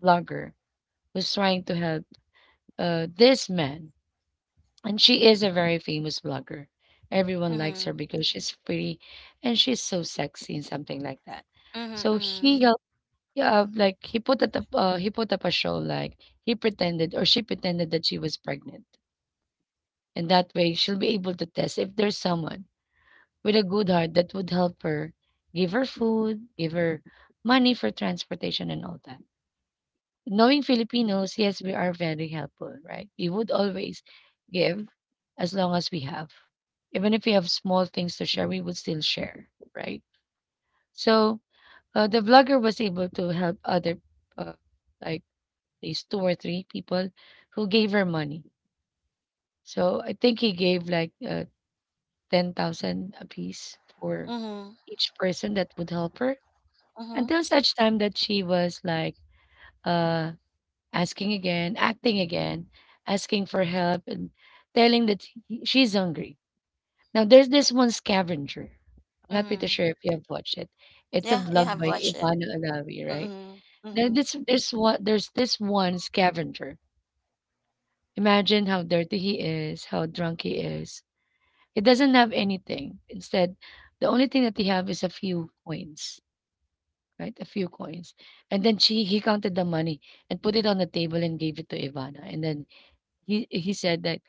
Speaker 1: vlogger who's trying to help this man. And she is a very famous vlogger. Everyone likes her
Speaker 2: Mhm.
Speaker 1: because she's pretty and she's so sexy and something like that.
Speaker 2: Mhm.
Speaker 1: So he
Speaker 2: Mhm.
Speaker 1: helped like he put up a show like he pretended or she pretended that she was pregnant. And that way, she'll be able to test if there's someone with a good heart that would help her, give her food, give her money for transportation and all that. Knowing Filipinos, yes, we are very helpful, right? We would always give as long as we have. Even if we have small things to share, we would still share, right? So the vlogger was able to help other, uh, like, these two or three people who gave her money. So I think he gave like 10,000 apiece for
Speaker 2: Mhm.
Speaker 1: each person that would help her
Speaker 2: Mhm.
Speaker 1: until such time that she was like uh asking again, acting again, asking for help and telling that she's hungry. Now there's this one scavenger. I'm not pretty
Speaker 2: Mhm.
Speaker 1: sure if you have watched it. It's a
Speaker 2: Yeah, yeah,
Speaker 1: vlog
Speaker 2: I've
Speaker 1: by
Speaker 2: watched it.
Speaker 1: Ivana Alawi, right?
Speaker 2: Mhm.
Speaker 1: There,
Speaker 2: Mhm.
Speaker 1: this there's one there's this one
Speaker 2: Mhm.
Speaker 1: scavenger. Imagine how dirty he is, how drunk he is. It doesn't have anything. Instead, the only thing that he have is a few coins, right? A few coins. And then she he counted the money and put it on the table and gave it to Ivana. And then he said that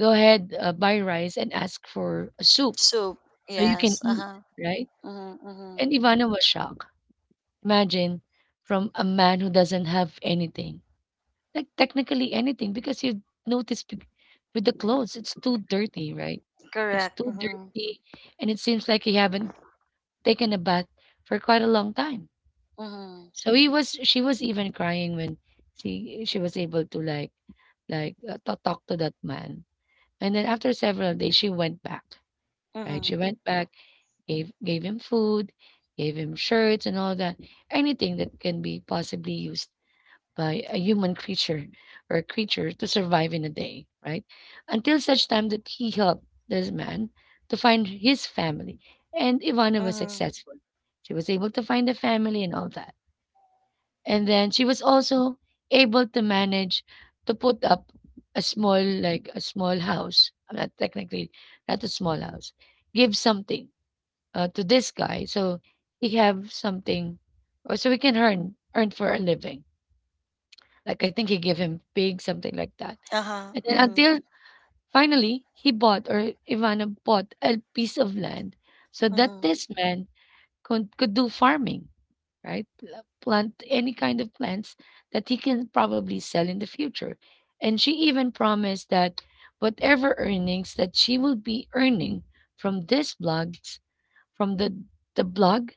Speaker 1: go ahead, buy rice and ask for a soup
Speaker 2: Soup.
Speaker 1: so you can
Speaker 2: Yes.
Speaker 1: eat,
Speaker 2: Uh-huh.
Speaker 1: right?
Speaker 2: Mhm. Mhm.
Speaker 1: And Ivana was shocked. Imagine from a man who doesn't have anything, like technically anything, because you notice with the clothes, it's too dirty, right? It's
Speaker 2: Correct.
Speaker 1: too
Speaker 2: Mhm.
Speaker 1: dirty, and it seems like he haven't taken a bath for quite a long time.
Speaker 2: Mhm.
Speaker 1: So he was she was even crying when she was able to like to talk to that man. And then after several days, she went back. Right, she
Speaker 2: Mhm.
Speaker 1: went back, gave him food, gave him shirts and all that, anything that can be possibly used by a human creature or a creature to survive in a day, right? Until such time that he helped this man to find his family. And Ivana was
Speaker 2: Mhm.
Speaker 1: successful. She was able to find a family and all that. And then she was also able to manage to put up a small, like a small house. Not technically, not a small house. Give something to this guy so he have something, or so he can earn for a living. Like I think he gave him pig, something like that.
Speaker 2: Uh-huh.
Speaker 1: And then
Speaker 2: Mhm.
Speaker 1: until finally he bought, or Ivana bought, a piece of land so that
Speaker 2: Mhm.
Speaker 1: this man could do farming, right? Plant any kind of plants that he can probably sell in the future. And she even promised that whatever earnings that she will be earning from this blogs, from the blog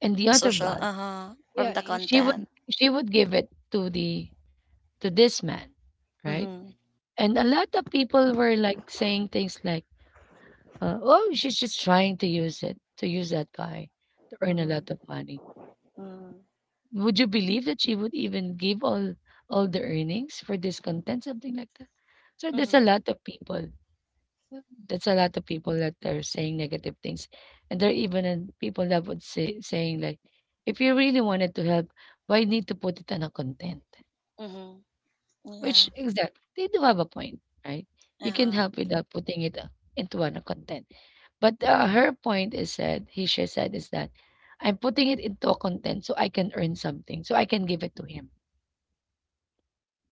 Speaker 1: and the other
Speaker 2: Social.
Speaker 1: blog,
Speaker 2: Uh-huh. From
Speaker 1: yeah,
Speaker 2: the
Speaker 1: she would
Speaker 2: content.
Speaker 1: she would give it to the to this man, right?
Speaker 2: Mhm.
Speaker 1: And a lot of people were like saying things like, "Oh, she's just trying to use it to use that guy to earn a
Speaker 2: Mhm.
Speaker 1: lot of money."
Speaker 2: Mhm.
Speaker 1: Would you believe that she would even give all the earnings for this content, something like that? So there's a
Speaker 2: Mhm.
Speaker 1: lot of people. That's a lot of people that are saying negative things, and there are even people that would saying like, "If you really wanted to help, why need to put it on a content?"
Speaker 2: Mhm.
Speaker 1: Which
Speaker 2: Yeah.
Speaker 1: exact they do have a point, right? You can
Speaker 2: Uh-huh.
Speaker 1: help without putting it into an content. But her point is said, he she said is that I'm putting it into a content so I can earn something, so I can give it to him.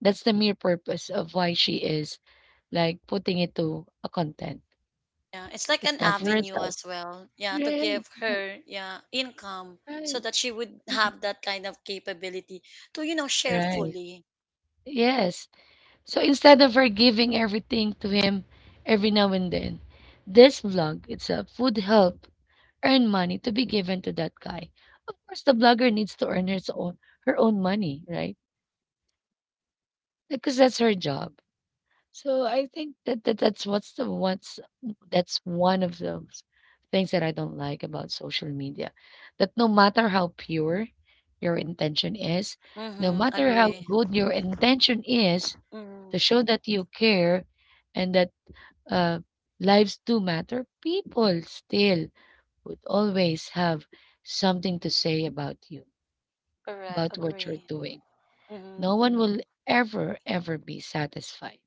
Speaker 1: That's the mere purpose of why she is like putting it to a content.
Speaker 2: Yeah, it's like an
Speaker 1: It's not for
Speaker 2: avenue
Speaker 1: herself.
Speaker 2: as well. Yeah, to
Speaker 1: Right,
Speaker 2: give
Speaker 1: right,
Speaker 2: her yeah income so
Speaker 1: right,
Speaker 2: that she would
Speaker 1: right.
Speaker 2: have that kind of capability to, you know, share
Speaker 1: Right.
Speaker 2: fully.
Speaker 1: Yes. So instead of her giving everything to him every now and then, this vlog itself would help earn money to be given to that guy. Of course, the blogger needs to earn his own her own money, right? Because that's her job. So I think that, that's what's the what's that's one of those things that I don't like about social media. That no matter how pure your intention is, no
Speaker 2: Mm-hmm.
Speaker 1: matter how
Speaker 2: Agree.
Speaker 1: good your intention is
Speaker 2: Mm-hmm.
Speaker 1: to show that you care and that uh, lives do matter, people still would always have something to say about you,
Speaker 2: Correct.
Speaker 1: about what you're
Speaker 2: Agree.
Speaker 1: doing.
Speaker 2: Mm-hmm.
Speaker 1: No one will ever be satisfied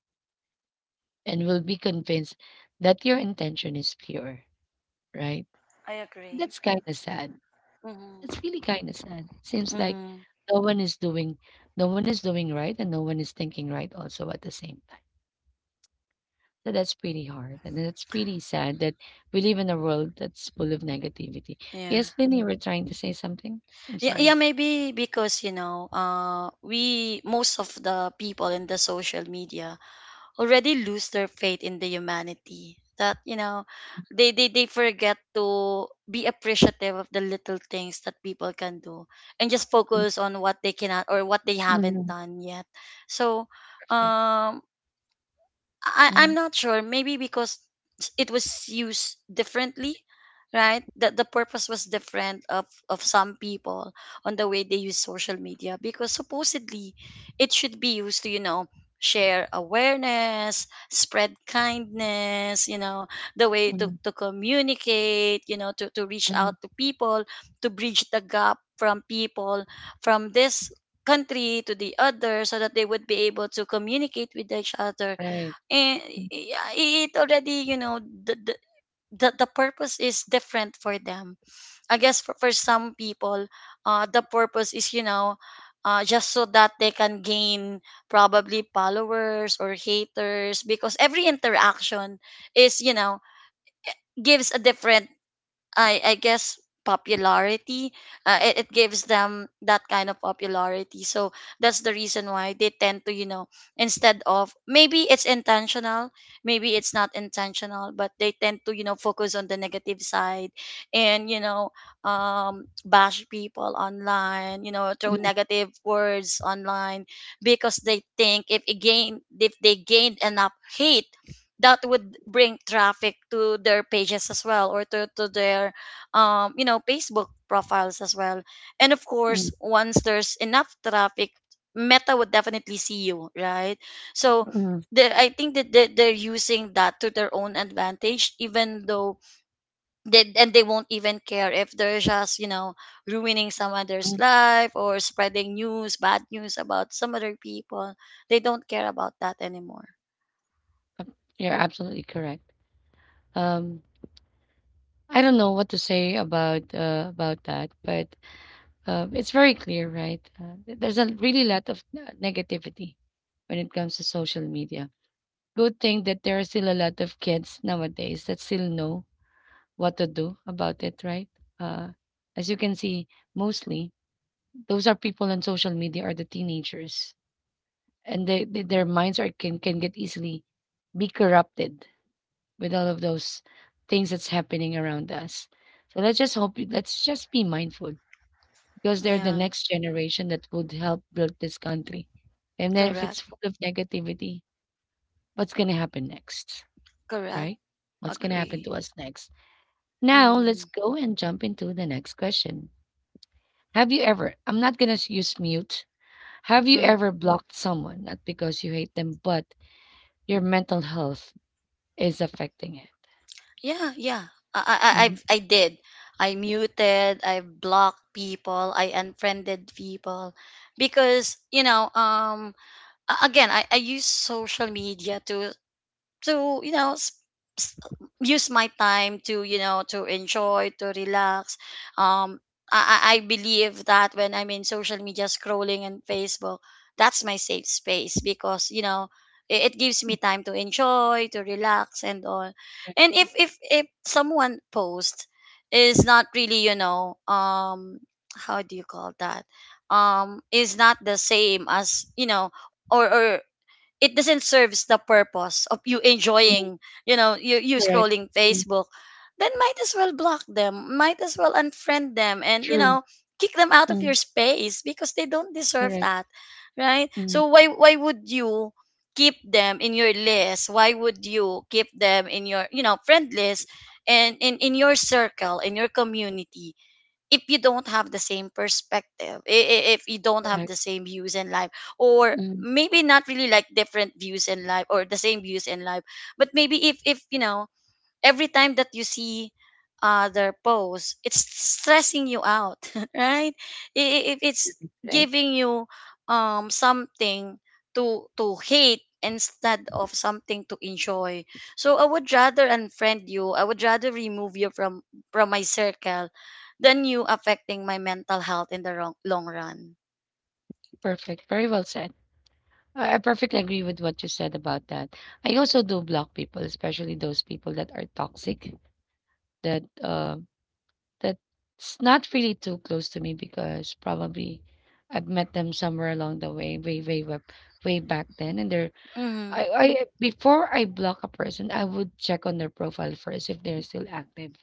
Speaker 1: and will be convinced that your intention is pure, right?
Speaker 2: I agree.
Speaker 1: That's kind of sad.
Speaker 2: Mm-hmm.
Speaker 1: That's really kind of sad. It seems like
Speaker 2: Mm-hmm.
Speaker 1: no one is doing no one is doing right and no one is thinking right also at the same time. So that's pretty hard. And that's pretty sad that we live in a world that's full of negativity.
Speaker 2: Yeah.
Speaker 1: Yes, Lynn, you were trying to say something? I'm
Speaker 2: Yeah. Yeah.
Speaker 1: sorry.
Speaker 2: Maybe because, you know, we most of the people in the social media already lose their faith in the humanity, that, you know, they forget to be appreciative of the little things that people can do, and just focus on what they cannot or what they haven't
Speaker 1: Mhm.
Speaker 2: done yet, so
Speaker 1: Perfect.
Speaker 2: um I'm
Speaker 1: Mm,
Speaker 2: not sure. Maybe because it was used differently, right? That the purpose was different, of some people on the way they use social media, because supposedly it should be used to, you know, share awareness, spread kindness, you know, the way to,
Speaker 1: mm,
Speaker 2: to communicate, you know, to reach out
Speaker 1: mm,
Speaker 2: to people, to bridge the gap from people from this country to the other, so that they would be able to communicate with each other,
Speaker 1: right.
Speaker 2: and
Speaker 1: Mm,
Speaker 2: yeah, it already, you know, the purpose is different for them. I guess for some people, the purpose is, you know, just so that they can gain probably followers or haters, because every interaction is, you know, gives a different, I guess, popularity. It gives them that kind of popularity. So that's the reason why they tend to, you know, instead of, maybe it's intentional, maybe it's not intentional, but they tend to, you know, focus on the negative side and, you know, bash people online, you know, throw
Speaker 1: mm,
Speaker 2: negative words online, because they think, if again, if they gained enough hate, that would bring traffic to their pages as well, or to their you know, facebook profiles as well, and of
Speaker 1: mm,
Speaker 2: course once there's enough traffic, meta would definitely see you, right? So
Speaker 1: mm,
Speaker 2: the, I think that they're using that to their own advantage, even though they won't even care if they're just, you know, ruining some other's
Speaker 1: mm.
Speaker 2: life or spreading news, bad news, about some other people. They don't care about that anymore.
Speaker 1: You're absolutely correct. Um, I don't know what to say about that, but it's very clear, right? There's a really lot of negativity when it comes to social media. Good thing that there are still a lot of kids nowadays that still know what to do about it, right? Uh, as you can see, mostly those are people on social media are the teenagers and they their minds are can get easily be corrupted with all of those things that's happening around us. So let's just hope let's just be mindful because they're the
Speaker 2: Yeah.
Speaker 1: next generation that would help build this country. And then if it's
Speaker 2: Correct.
Speaker 1: full of negativity, what's gonna happen next?
Speaker 2: Correct.
Speaker 1: Right? What's gonna happen to
Speaker 2: Agree.
Speaker 1: us next? Now let's
Speaker 2: Mm,
Speaker 1: go and jump into the next question. I'm not gonna use mute. Have you
Speaker 2: mm.
Speaker 1: ever blocked someone, not because you hate them, but your mental health is affecting it.
Speaker 2: Yeah, yeah.
Speaker 1: Mm,
Speaker 2: I did. I muted. I blocked people. I unfriended people because, you know. Again, I use social media to, you know, s- use my time to, you know, to enjoy, to relax, um I believe that when I'm in social media scrolling and facebook, that's my safe space, because, you know, it gives me time to enjoy, to relax and all.
Speaker 1: correct.
Speaker 2: And if someone post is not really, you know, how do you call that, is not the same as, you know, or it doesn't serves the purpose of you
Speaker 1: Mm,
Speaker 2: enjoying, you know, you
Speaker 1: correct.
Speaker 2: scrolling
Speaker 1: Mm,
Speaker 2: facebook, then might as well block them, might as well unfriend them, and, you
Speaker 1: true.
Speaker 2: know, kick them out of
Speaker 1: Mm,
Speaker 2: your space, because they don't deserve
Speaker 1: correct.
Speaker 2: that, right?
Speaker 1: Mm,
Speaker 2: So why would you keep them in your list, why would you keep them in your, you know, friend list, and in your circle, in your community, if you don't have the same perspective, if you don't have the
Speaker 1: correct.
Speaker 2: same views in life, or
Speaker 1: Mm,
Speaker 2: maybe not really like different views in life or the same views in life, but maybe if you know, every time that you see their post, it's stressing you out, right? If it's
Speaker 1: right.
Speaker 2: giving you something to hate instead of something to enjoy. So I would rather unfriend you. I would rather remove you from my circle than you affecting my mental health in the wrong, long run.
Speaker 1: Perfect. Very well said. I perfectly agree with what you said about that. I also do block people, especially those people that are toxic, that uh, that's not really too close to me because probably I've met them somewhere along the way, way, way, way, way back then. And they're
Speaker 2: Mhm.
Speaker 1: I, I before I block a person, I would check on their profile first if they're still active.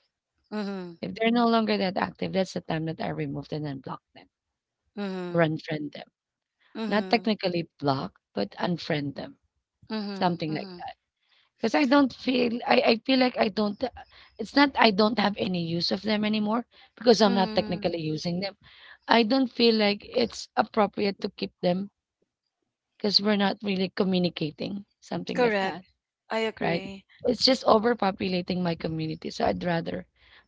Speaker 2: Mhm.
Speaker 1: If they're no longer that active, that's the time that I remove and unblock them or
Speaker 2: Mhm.
Speaker 1: unfriend them. Not
Speaker 2: Mhm.
Speaker 1: technically block, but unfriend them,
Speaker 2: Mhm.
Speaker 1: something like
Speaker 2: Mhm.
Speaker 1: that. Because I don't feel, I feel like I don't, it's not I don't have any use of them anymore because I'm not
Speaker 2: Mhm.
Speaker 1: technically using them. I don't feel like it's appropriate to keep them because we're not really communicating, something like
Speaker 2: Correct.
Speaker 1: that,
Speaker 2: I
Speaker 1: right?
Speaker 2: agree.
Speaker 1: It's just overpopulating my community. So I'd rather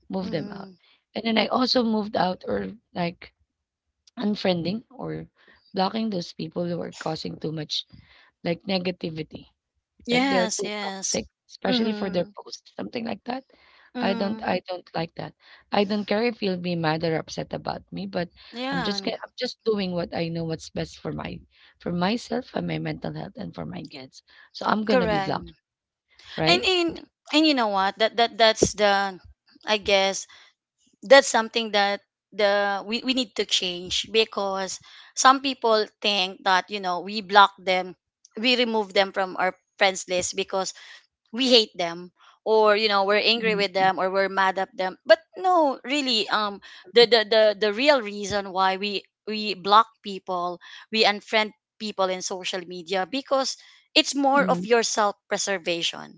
Speaker 1: move them out.
Speaker 2: Mhm.
Speaker 1: And then I also moved out or like unfriending or blocking those people who are causing too much like negativity, like they're
Speaker 2: Yes,
Speaker 1: too
Speaker 2: yes.
Speaker 1: toxic, especially for their
Speaker 2: Mhm.
Speaker 1: posts, something like that. i don't
Speaker 2: Mhm.
Speaker 1: i don't like that. I don't care if you'll be mad or upset about me, but i'm
Speaker 2: Yeah,
Speaker 1: just ga- i'm just doing what I know what's best for my for myself and my mental health and for my kids, so I'm gonna be
Speaker 2: correct.
Speaker 1: blocked,
Speaker 2: And
Speaker 1: right?
Speaker 2: in, and you know what? That's the, I guess that's something that we need to change, because some people think that we block them, we remove them from our friends list because we hate them, or we're angry with
Speaker 1: Mhm.
Speaker 2: them or we're mad at them. But no, really, the real reason why we block people, we unfriend people in social media, because it's more of
Speaker 1: Mhm.
Speaker 2: your self preservation.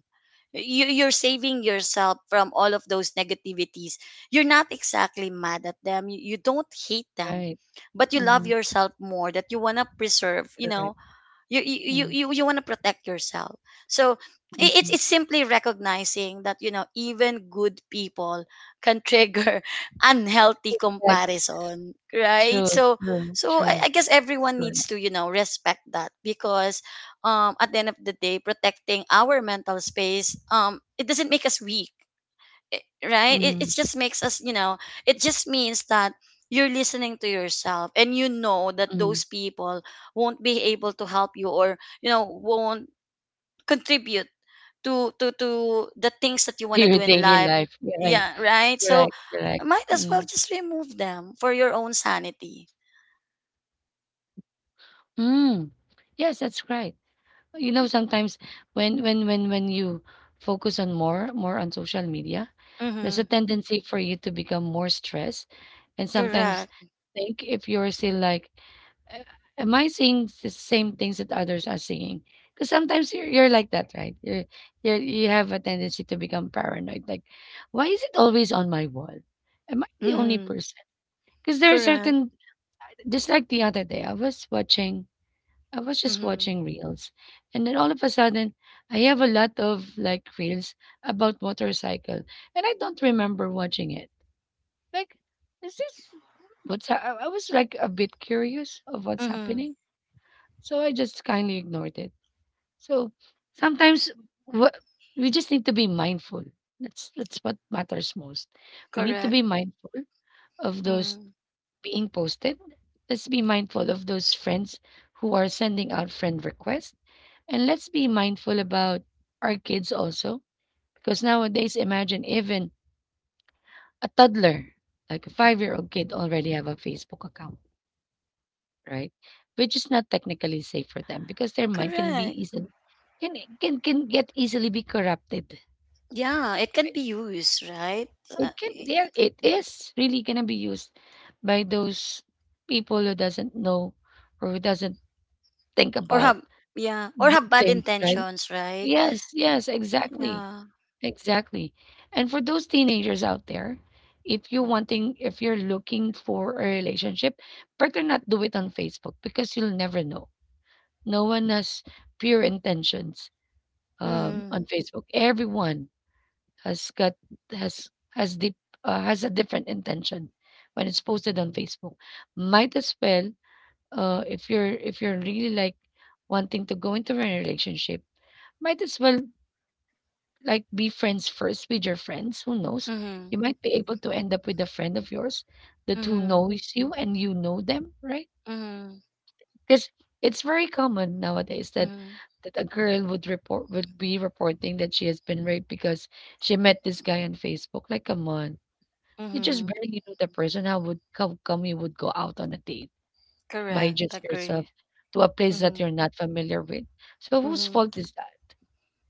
Speaker 2: You're saving yourself from all of those negativities. You're not exactly mad at them, you don't hate them,
Speaker 1: Right.
Speaker 2: but you love
Speaker 1: Hmm.
Speaker 2: yourself more, that you want to preserve, you
Speaker 1: Correct.
Speaker 2: know. you you
Speaker 1: Mm-hmm.
Speaker 2: you you want to protect yourself. So it's simply recognizing that even good people can trigger unhealthy comparison, right?
Speaker 1: True,
Speaker 2: So
Speaker 1: true,
Speaker 2: so I,
Speaker 1: true,
Speaker 2: I guess everyone
Speaker 1: true.
Speaker 2: needs to respect that, because at the end of the day, protecting our mental space it doesn't make us weak. Right, it
Speaker 1: Mm-hmm.
Speaker 2: just makes us, it just means that you're listening to yourself, and you know that
Speaker 1: Mm-hmm.
Speaker 2: those people won't be able to help you, or won't contribute to the things that you
Speaker 1: To
Speaker 2: want to do
Speaker 1: your
Speaker 2: in
Speaker 1: daily
Speaker 2: life.
Speaker 1: life. Right.
Speaker 2: Yeah, right, so
Speaker 1: Correct, correct.
Speaker 2: might as well
Speaker 1: Mm.
Speaker 2: just remove them for your own sanity.
Speaker 1: Mm. Yes, that's right. You know, sometimes when you focus on more on social media, there's
Speaker 2: Mm-hmm.
Speaker 1: a tendency for you to become more stressed. And sometimes
Speaker 2: Correct.
Speaker 1: think if you're still like, "Uh, am I seeing the same things that others are seeing?" Because sometimes you're like that, right? You're, you have a tendency to become paranoid. Like, why is it always on my wall? Am I the only
Speaker 2: Mm-hmm.
Speaker 1: person? Because there are
Speaker 2: Correct.
Speaker 1: certain. Just like the other day, I was just
Speaker 2: Mm-hmm.
Speaker 1: watching reels, and then all of a sudden, I have a lot of like reels about motorcycle, and I don't remember watching it. Like, is this what's? I was like a bit curious of what's
Speaker 2: Mm-hmm.
Speaker 1: happening, so I just kindly ignored it. So sometimes, what we just need to be mindful. That's what matters most. We need to
Speaker 2: Correct.
Speaker 1: be mindful of those
Speaker 2: Mm-hmm.
Speaker 1: being posted. Let's be mindful of those friends who are sending out friend requests. And let's be mindful about our kids also. Because nowadays, imagine even a toddler, like a 5-year-old kid, already have a Facebook account, right? Which is not technically safe for them because their mind can be
Speaker 2: Correct.
Speaker 1: easily, can can get easily be corrupted.
Speaker 2: Yeah, it can be used, right.
Speaker 1: It can yeah, it is really gonna be used by those people who doesn't know or who doesn't think
Speaker 2: Or
Speaker 1: about
Speaker 2: have Yeah, or have
Speaker 1: good
Speaker 2: bad
Speaker 1: things, right?
Speaker 2: intentions, right?
Speaker 1: Yes, yes, exactly.
Speaker 2: Yeah.
Speaker 1: Exactly. And for those teenagers out there, if you're looking for a relationship, better not do it on Facebook because you'll never know. No one has pure intentions
Speaker 2: Mhm.
Speaker 1: on Facebook. Everyone has got has has deep has a different intention when it's posted on Facebook. Might as well, if you're really like wanting to go into a relationship, might as well like be friends first with your friends. Who knows?
Speaker 2: Mhm.
Speaker 1: You might be able to end up with a friend of yours that who
Speaker 2: Mhm.
Speaker 1: knows you and you know them, right?
Speaker 2: Mhm.
Speaker 1: Because it's very common nowadays that
Speaker 2: Mhm.
Speaker 1: a girl would be reporting that she has been raped because she met this guy on Facebook. Like, come on, you just
Speaker 2: Mhm.
Speaker 1: barely know the person. How come you would go out on a date by
Speaker 2: Correct.
Speaker 1: just yourself
Speaker 2: Agree.
Speaker 1: to a place that
Speaker 2: Mhm.
Speaker 1: you're not familiar with? So whose
Speaker 2: Mhm.
Speaker 1: fault is that?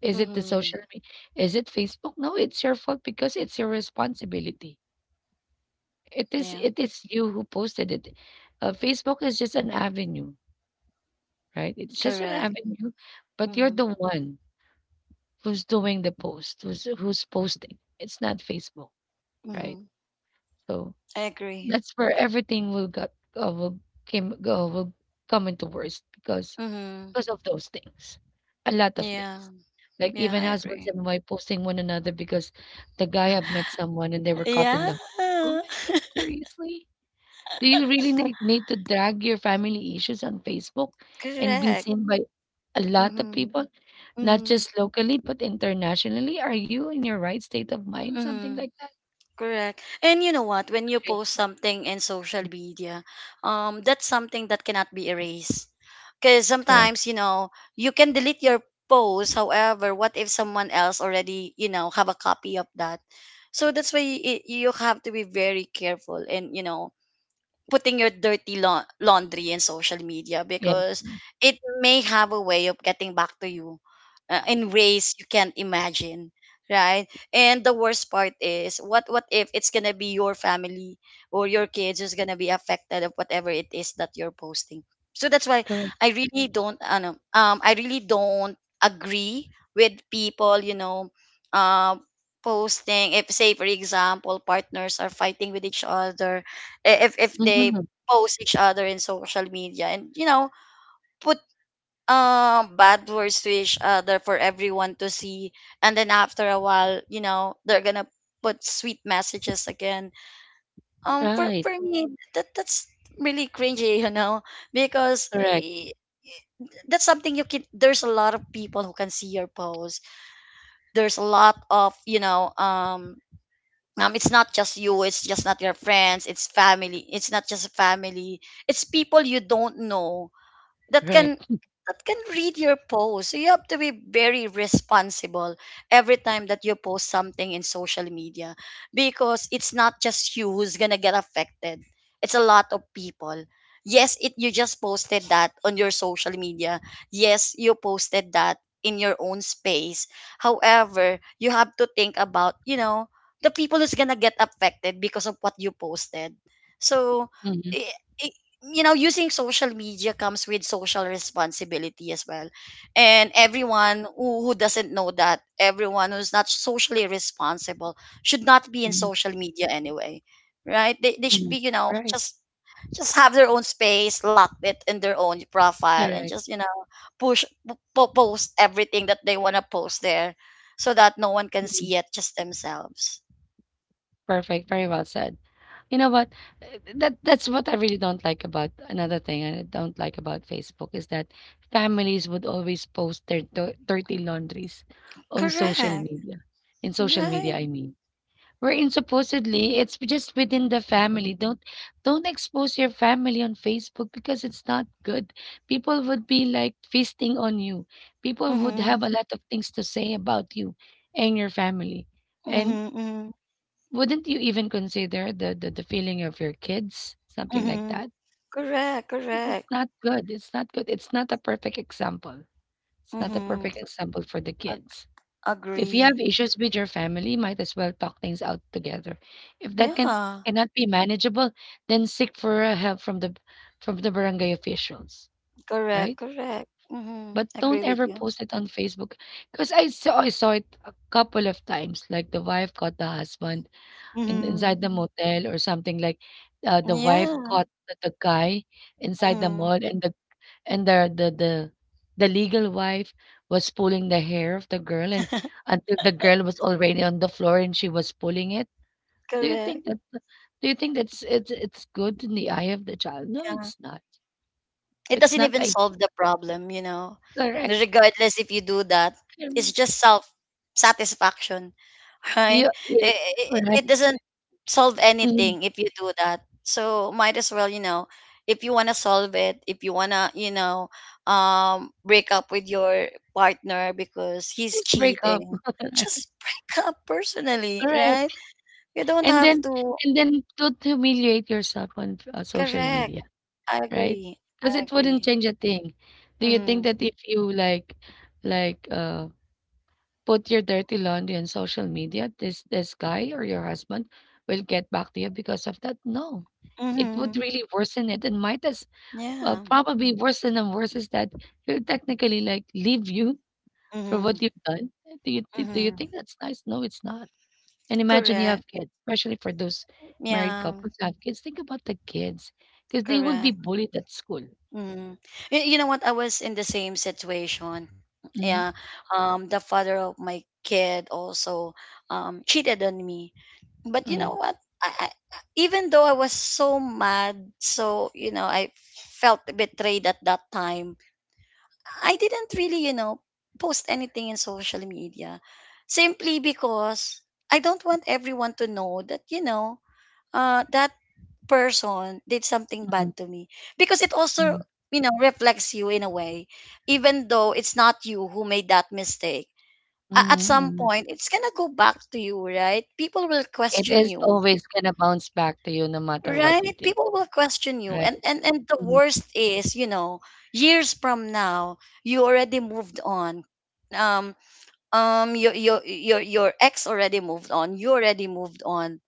Speaker 1: Is it the
Speaker 2: Mhm.
Speaker 1: social media? Is it Facebook? No, it's your fault because it's your responsibility. It is
Speaker 2: Yeah.
Speaker 1: it is you who posted it. Facebook is just an avenue, right? It's just an
Speaker 2: Correct.
Speaker 1: avenue, but you're the
Speaker 2: Mhm.
Speaker 1: one who's doing the post, who's posting. It's not Facebook, right?
Speaker 2: Mhm.
Speaker 1: So
Speaker 2: I agree.
Speaker 1: that's where everything will got will came go will come into worst, because
Speaker 2: Mhm.
Speaker 1: Because of those things, a lot of
Speaker 2: Yeah.
Speaker 1: things. Like
Speaker 2: Yeah,
Speaker 1: even
Speaker 2: I
Speaker 1: husbands
Speaker 2: agree.
Speaker 1: and wife posting one another because the guy have met someone and they were caught in
Speaker 2: Yeah.
Speaker 1: the hood. Oh my God, seriously? Do you really need to drag your family issues on Facebook and be
Speaker 2: Correct.
Speaker 1: seen by a lot of
Speaker 2: Mhm.
Speaker 1: people, not
Speaker 2: Mhm.
Speaker 1: just locally, but internationally? Are you in your right state of mind? Something like
Speaker 2: Mhm.
Speaker 1: that?
Speaker 2: Correct. And you know what? When you post
Speaker 1: Crazy.
Speaker 2: something in social media, that's something that cannot be erased. Because
Speaker 1: Correct.
Speaker 2: sometimes, you know, you can delete your post. However, what if someone else already, you know, have a copy of that? So that's why you have to be very careful, and, you know, putting your dirty laundry in social media,
Speaker 1: Yeah.
Speaker 2: because it may have a way of getting back to you in ways you can't imagine, right. And the worst part is, what if it's gonna be your family or your kids who's gonna be affected of whatever it is that you're posting. So that's why
Speaker 1: Correct.
Speaker 2: I really don't agree with people, you know, uh, posting, if, say for example, partners are fighting with each other. If they
Speaker 1: Hmm.
Speaker 2: post each other in social media, and, you know, put bad words to each other for everyone to see, and then after a while, you know, they're gonna put sweet messages again. um for
Speaker 1: Right.
Speaker 2: for me, that's really cringy, you know, because
Speaker 1: Correct.
Speaker 2: that's something you can there's a lot of people who can see your post. There's a lot of, it's not just you, it's just not your friends, it's family. It's not just family. It's people you don't know that can
Speaker 1: Correct.
Speaker 2: that can read your post. So you have to be very responsible every time that you post something in social media, because it's not just you who's gonna get affected. It's a lot of people. Yes, it you just posted that on your social media. Yes, you posted that in your own space. However, you have to think about, you know, the people who's gonna get affected because of what you posted. So,
Speaker 1: Hmm.
Speaker 2: you know, using social media comes with social responsibility as well, and everyone who doesn't know that, everyone who's not socially responsible should not be in
Speaker 1: Hmm.
Speaker 2: social media anyway, right? They should be, you know,
Speaker 1: Right.
Speaker 2: just have their own space, lock it in their own profile, and
Speaker 1: Correct.
Speaker 2: just, you know, push post everything that they want to post there, so that no one can see it, just themselves.
Speaker 1: Perfect. Very well said. You know what? That's what I really don't like about, another thing I don't like about Facebook is that families would always post their dirty laundries on social
Speaker 2: Correct.
Speaker 1: media. In social
Speaker 2: Right.
Speaker 1: media, I mean. Wherein supposedly it's just within the family. Don't expose your family on Facebook because it's not good. People would be like feasting on you. People would
Speaker 2: Mm-hmm.
Speaker 1: have a lot of things to say about you and your family. And
Speaker 2: Mm-hmm.
Speaker 1: wouldn't you even consider the feeling of your kids, something like
Speaker 2: Mhm.
Speaker 1: that?
Speaker 2: Correct,
Speaker 1: It's
Speaker 2: correct.
Speaker 1: not good, it's not good, it's not a perfect example. It's not a
Speaker 2: Mhm.
Speaker 1: perfect example for the
Speaker 2: Ag-
Speaker 1: kids. If you
Speaker 2: agree.
Speaker 1: have issues with your family, might as well talk things out together. If that
Speaker 2: Yeah.
Speaker 1: cannot be manageable, then seek for help from the, from the barangay officials,
Speaker 2: Correct,
Speaker 1: right?
Speaker 2: correct. Mhm.
Speaker 1: But
Speaker 2: Agree
Speaker 1: don't
Speaker 2: with
Speaker 1: ever
Speaker 2: you.
Speaker 1: post it on Facebook because I saw it a couple of times. Like the wife caught the husband in
Speaker 2: Mhm.
Speaker 1: inside the motel or something like, the wife
Speaker 2: Yeah.
Speaker 1: caught the guy inside the
Speaker 2: Mhm.
Speaker 1: mall, and the, and the legal wife was pulling the hair of the girl, and until the girl was already on the floor and she was pulling it. Do you
Speaker 2: Correct.
Speaker 1: think that do you think that's it's good in the eye of the child? No,
Speaker 2: Yeah.
Speaker 1: it's not.
Speaker 2: It
Speaker 1: It's
Speaker 2: doesn't
Speaker 1: not
Speaker 2: even
Speaker 1: like
Speaker 2: solve the problem, you know.
Speaker 1: correct.
Speaker 2: Regardless if you do that, it's just self satisfaction, right?
Speaker 1: Yeah, yes,
Speaker 2: It, it,
Speaker 1: right.
Speaker 2: it doesn't solve
Speaker 1: Mm,
Speaker 2: anything if you do that. So might as well, you know, if you want to solve it, if you want to, you know, break up with your partner because he's
Speaker 1: just break up,
Speaker 2: cheating,
Speaker 1: right?
Speaker 2: just break up personally, right?
Speaker 1: Correct.
Speaker 2: You don't
Speaker 1: And
Speaker 2: have
Speaker 1: then
Speaker 2: to.
Speaker 1: and then don't humiliate yourself on social
Speaker 2: Correct.
Speaker 1: media.
Speaker 2: I
Speaker 1: Right,
Speaker 2: agree.
Speaker 1: because
Speaker 2: I
Speaker 1: it wouldn't
Speaker 2: agree.
Speaker 1: change a thing. Do you think
Speaker 2: Mm-hmm.
Speaker 1: that if you like like, put your dirty laundry on social media, this guy or your husband will get back to you because of that? No. It would
Speaker 2: Mm-hmm.
Speaker 1: really worsen it, and might as well,
Speaker 2: Yeah.
Speaker 1: probably worsen, and worse is that he'll technically, like, leave you for what
Speaker 2: Mhm,
Speaker 1: you've done. Do you
Speaker 2: mhm.
Speaker 1: think that's nice? No, it's not. And imagine you
Speaker 2: Correct.
Speaker 1: have kids, especially for those married
Speaker 2: Yeah,
Speaker 1: couples who have kids. Think about the kids, because they will be
Speaker 2: correct.
Speaker 1: bullied at school.
Speaker 2: Mm. You know what? I was in the same situation. Yeah.
Speaker 1: Mhm.
Speaker 2: The father of my kid also cheated on me. But you know
Speaker 1: Mm,
Speaker 2: what? I even though I was so mad, so, I felt betrayed at that time. I didn't really, you know, post anything in social media, simply because I don't want everyone to know that, you know, that person did something
Speaker 1: mm,
Speaker 2: bad to me, because it also,
Speaker 1: mm,
Speaker 2: you know, reflects you in a way, even though it's not you who made that mistake.
Speaker 1: mm,
Speaker 2: At some
Speaker 1: mm.
Speaker 2: point it's gonna go back to you, right. People will
Speaker 1: It
Speaker 2: question
Speaker 1: is
Speaker 2: you.
Speaker 1: always gonna bounce back to you no matter
Speaker 2: Right,
Speaker 1: what you do,
Speaker 2: people will question you,
Speaker 1: right?
Speaker 2: and and the
Speaker 1: Mm,
Speaker 2: worst is, years from now, you already moved on, um your ex already moved on, you already moved on.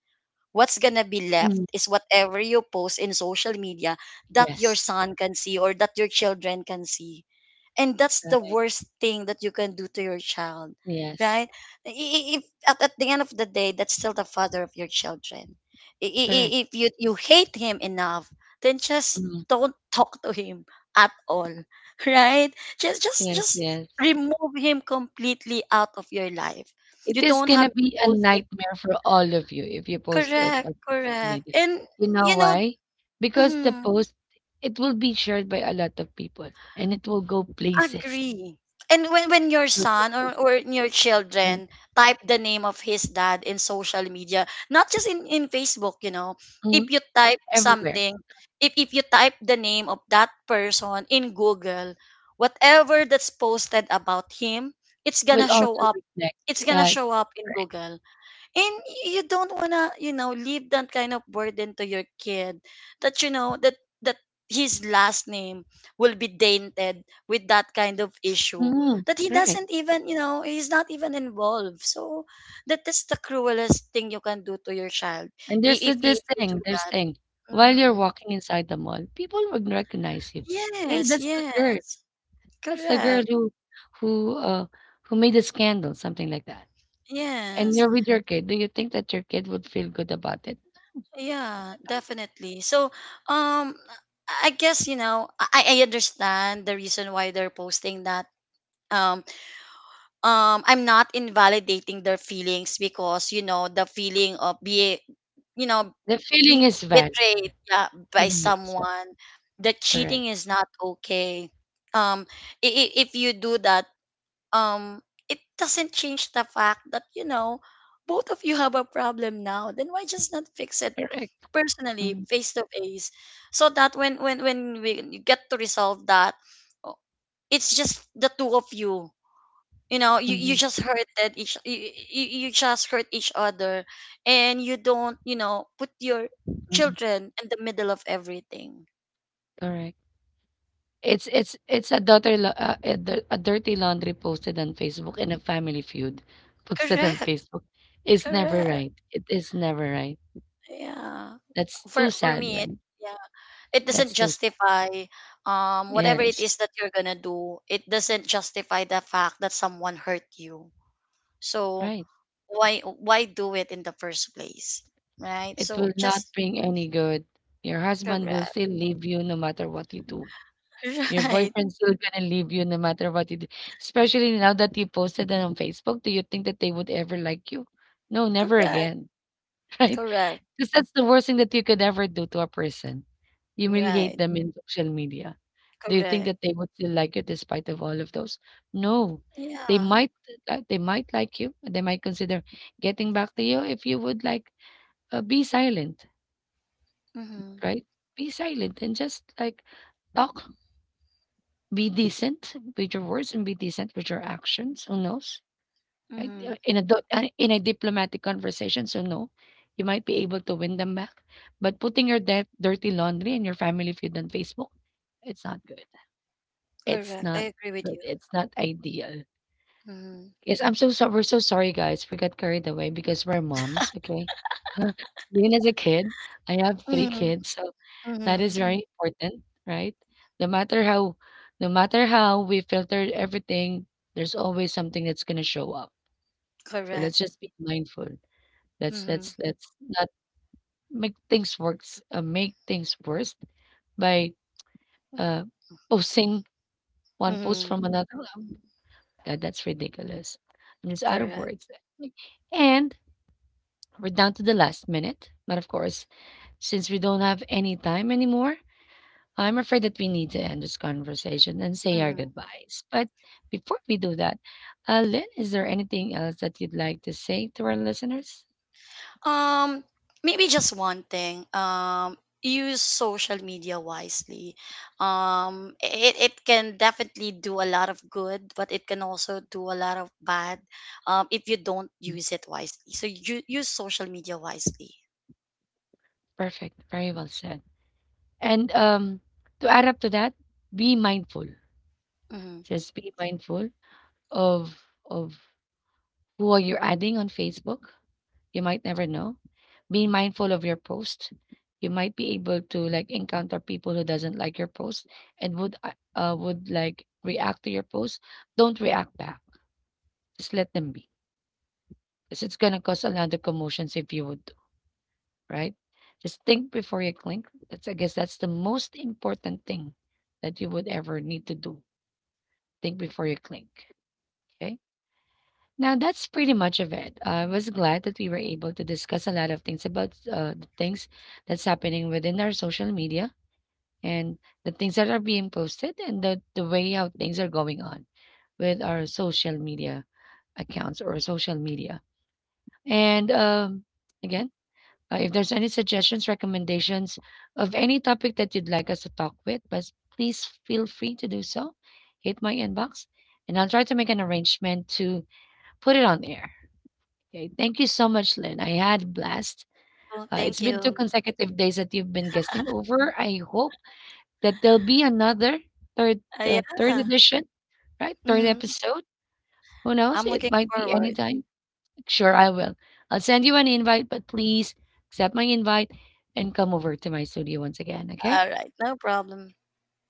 Speaker 2: What's gonna be left
Speaker 1: mm.
Speaker 2: is whatever you post in social media that your
Speaker 1: Yes,
Speaker 2: son can see, or that your children can see. And that's the
Speaker 1: right.
Speaker 2: worst thing that you can do to your child,
Speaker 1: Yes,
Speaker 2: right? If, at the end of the day, that's still the father of your children. I- i- i-
Speaker 1: correct.
Speaker 2: If you, you hate him enough, then just
Speaker 1: Mm,
Speaker 2: don't talk to him at all, right? Just just
Speaker 1: yes,
Speaker 2: just
Speaker 1: yes.
Speaker 2: remove him completely out of your life.
Speaker 1: It
Speaker 2: You
Speaker 1: is
Speaker 2: don't have
Speaker 1: gonna
Speaker 2: to
Speaker 1: be a
Speaker 2: post it.
Speaker 1: nightmare for all of you if you post it
Speaker 2: Correct,
Speaker 1: on social
Speaker 2: correct.
Speaker 1: media.
Speaker 2: And,
Speaker 1: You know
Speaker 2: you know,
Speaker 1: why? Because the
Speaker 2: mhm,
Speaker 1: post, it will be shared by a lot of people and it will go places.
Speaker 2: agree. And when
Speaker 1: It
Speaker 2: your
Speaker 1: will go
Speaker 2: son or
Speaker 1: places.
Speaker 2: your
Speaker 1: Mm,
Speaker 2: children type the name of his dad in social media, not just in Facebook, you know,
Speaker 1: mm,
Speaker 2: if you type
Speaker 1: everywhere.
Speaker 2: something, if you type the name of that person in Google, whatever that's posted about him, it's
Speaker 1: Will
Speaker 2: gonna show
Speaker 1: also
Speaker 2: up.
Speaker 1: reflect.
Speaker 2: It's gonna
Speaker 1: Yeah,
Speaker 2: show up in
Speaker 1: right.
Speaker 2: Google. And you don't wanna, you know, leave that kind of burden to your kid, that you know that that his last name will be tainted with that kind of issue,
Speaker 1: Mm,
Speaker 2: that he
Speaker 1: right.
Speaker 2: doesn't even, you know, he's not even involved. So that is the cruelest thing you can do to your child,
Speaker 1: And there's
Speaker 2: i- if
Speaker 1: this
Speaker 2: if you do
Speaker 1: thing, there's
Speaker 2: that.
Speaker 1: thing. While you're
Speaker 2: Mhm.
Speaker 1: walking inside the mall, people would recognize you. Hey,
Speaker 2: Yes,
Speaker 1: that's the girl.
Speaker 2: yes,
Speaker 1: That's the girl
Speaker 2: correct.
Speaker 1: who, who, uh, who made a scandal, something like that. And
Speaker 2: Yes.
Speaker 1: you're with your kid. Do you think that your kid would feel good about it? No.
Speaker 2: Yeah, definitely. So, um, I guess, you know, I understand the reason why they're posting that. Um, I'm not invalidating their feelings, because, you know, the feeling of you know,
Speaker 1: The feeling
Speaker 2: being
Speaker 1: is valid.
Speaker 2: betrayed, yeah, by
Speaker 1: Feeling is valid.
Speaker 2: someone. The cheating
Speaker 1: Correct.
Speaker 2: is not okay. Um, if you do that, um, it doesn't change the fact that, you know, both of you have a problem now. Then why just not fix it
Speaker 1: Correct.
Speaker 2: personally,
Speaker 1: Mm,
Speaker 2: face to face, so that when we you get to resolve that. Oh, it's just the two of you. You know
Speaker 1: mhm,
Speaker 2: You just hurt each other, and you don't, put your
Speaker 1: mhm.
Speaker 2: children in the middle of everything.
Speaker 1: Correct. It's a daughter lo- a, dir- a dirty laundry posted on Facebook, and a family feud posted on
Speaker 2: Correct,
Speaker 1: Facebook is never
Speaker 2: correct.
Speaker 1: right. It is never right.
Speaker 2: Yeah.
Speaker 1: That's too
Speaker 2: For
Speaker 1: sad,
Speaker 2: me, it,
Speaker 1: right?
Speaker 2: yeah, it doesn't
Speaker 1: That's too sad.
Speaker 2: justify, whatever it
Speaker 1: Yes,
Speaker 2: is that you're gonna do, it doesn't justify the fact that someone hurt you. So
Speaker 1: right.
Speaker 2: why do it in the first place, right?
Speaker 1: It
Speaker 2: So
Speaker 1: will not
Speaker 2: just.
Speaker 1: bring any good. Your husband will
Speaker 2: Correct.
Speaker 1: still leave you no matter what you do. Your
Speaker 2: Right.
Speaker 1: boyfriend's still gonna leave you no matter what you do. Especially now that you posted it on Facebook, do you think that they would ever like you? No, never
Speaker 2: Correct,
Speaker 1: again, right?
Speaker 2: correct.
Speaker 1: Because that's the worst thing that you could ever do to a person. Humiliate
Speaker 2: Right.
Speaker 1: them in social media. Do you think
Speaker 2: Correct.
Speaker 1: that they would still like you despite of all of those? No. They
Speaker 2: Yeah.
Speaker 1: might they might like you. They might consider getting back to you if you would like be silent,
Speaker 2: Mm-hmm.
Speaker 1: right? Be silent and just like talk. Be decent with your words and be decent with your actions. Who knows, right?
Speaker 2: Mm-hmm.
Speaker 1: In a diplomatic conversation, so no, you might be able to win them back. But putting your dirty laundry and your family feud on Facebook, it's not good. It's
Speaker 2: Correct. I
Speaker 1: not
Speaker 2: agree with
Speaker 1: good.
Speaker 2: you.
Speaker 1: It's not ideal.
Speaker 2: Mm-hmm.
Speaker 1: Yes, I'm so sorry. We're so sorry, guys. We got carried away because we're moms, okay? Being as a kid, I have three
Speaker 2: Mm-hmm.
Speaker 1: kids, so that
Speaker 2: Mm-hmm.
Speaker 1: is very important, right? No matter how, no matter how we filtered everything, there's always something that's gonna show up. So
Speaker 2: Correct.
Speaker 1: let's just be mindful. Let's
Speaker 2: Mm-hmm.
Speaker 1: let's let's not make things worse by uh posting one post
Speaker 2: Mm-hmm.
Speaker 1: from another. um, that's ridiculous. I'm just out of
Speaker 2: Correct.
Speaker 1: words. And we're down to the last minute, but of course, since we don't have any time anymore, I'm afraid that we need to end this conversation and say our
Speaker 2: Mm-hmm.
Speaker 1: goodbyes. But before we do that, Lynn, is there anything else that you'd like to say to our listeners?
Speaker 2: Um, Maybe just one thing. Use social media wisely. It can definitely do a lot of good, but it can also do a lot of bad, if you don't
Speaker 1: Mm,
Speaker 2: use it wisely. So you use social media wisely.
Speaker 1: perfect. Very well said. And, to add up to that, be mindful.
Speaker 2: Mm-hmm.
Speaker 1: Just be mindful of of who are you adding on Facebook. You might never know. Be mindful of your post. You might be able to like encounter people who doesn't like your post and would like react to your post. Don't react back. Just let them be. Because it's gonna cause another commotions if you would, do, right? Just think before you click. That's I guess that's the most important thing that you would ever need to do. Think before you click. Okay. Now that's pretty much of it. I was glad that we were able to discuss a lot of things about the things that's happening within our social media, and the things that are being posted, and the way how things are going on with our social media accounts or social media. And again, if there's any suggestions, recommendations of any topic that you'd like us to talk with, but please feel free to do so. Hit my inbox, and I'll try to make an arrangement to put it on air. Okay. Thank you so much, Lynn. I had a blast.
Speaker 2: Oh,
Speaker 1: It's
Speaker 2: thank
Speaker 1: been 2
Speaker 2: you.
Speaker 1: consecutive days that you've been guesting over. I hope that there'll be another third
Speaker 2: Yeah.
Speaker 1: edition, right? Third
Speaker 2: Mm-hmm.
Speaker 1: episode. Who knows?
Speaker 2: I'm looking
Speaker 1: It might be
Speaker 2: forward.
Speaker 1: anytime. Sure, I will. I'll send you an invite, but please accept my invite and come over to my studio once again. Okay.
Speaker 2: All right. No problem.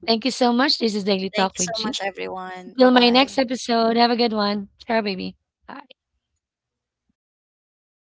Speaker 1: Thank you so much. This is Daily
Speaker 2: Thank
Speaker 1: Talk
Speaker 2: you so
Speaker 1: with G.
Speaker 2: much, everyone. Bye
Speaker 1: Till my
Speaker 2: bye.
Speaker 1: next episode. Have a good one. Ciao, baby. Bye.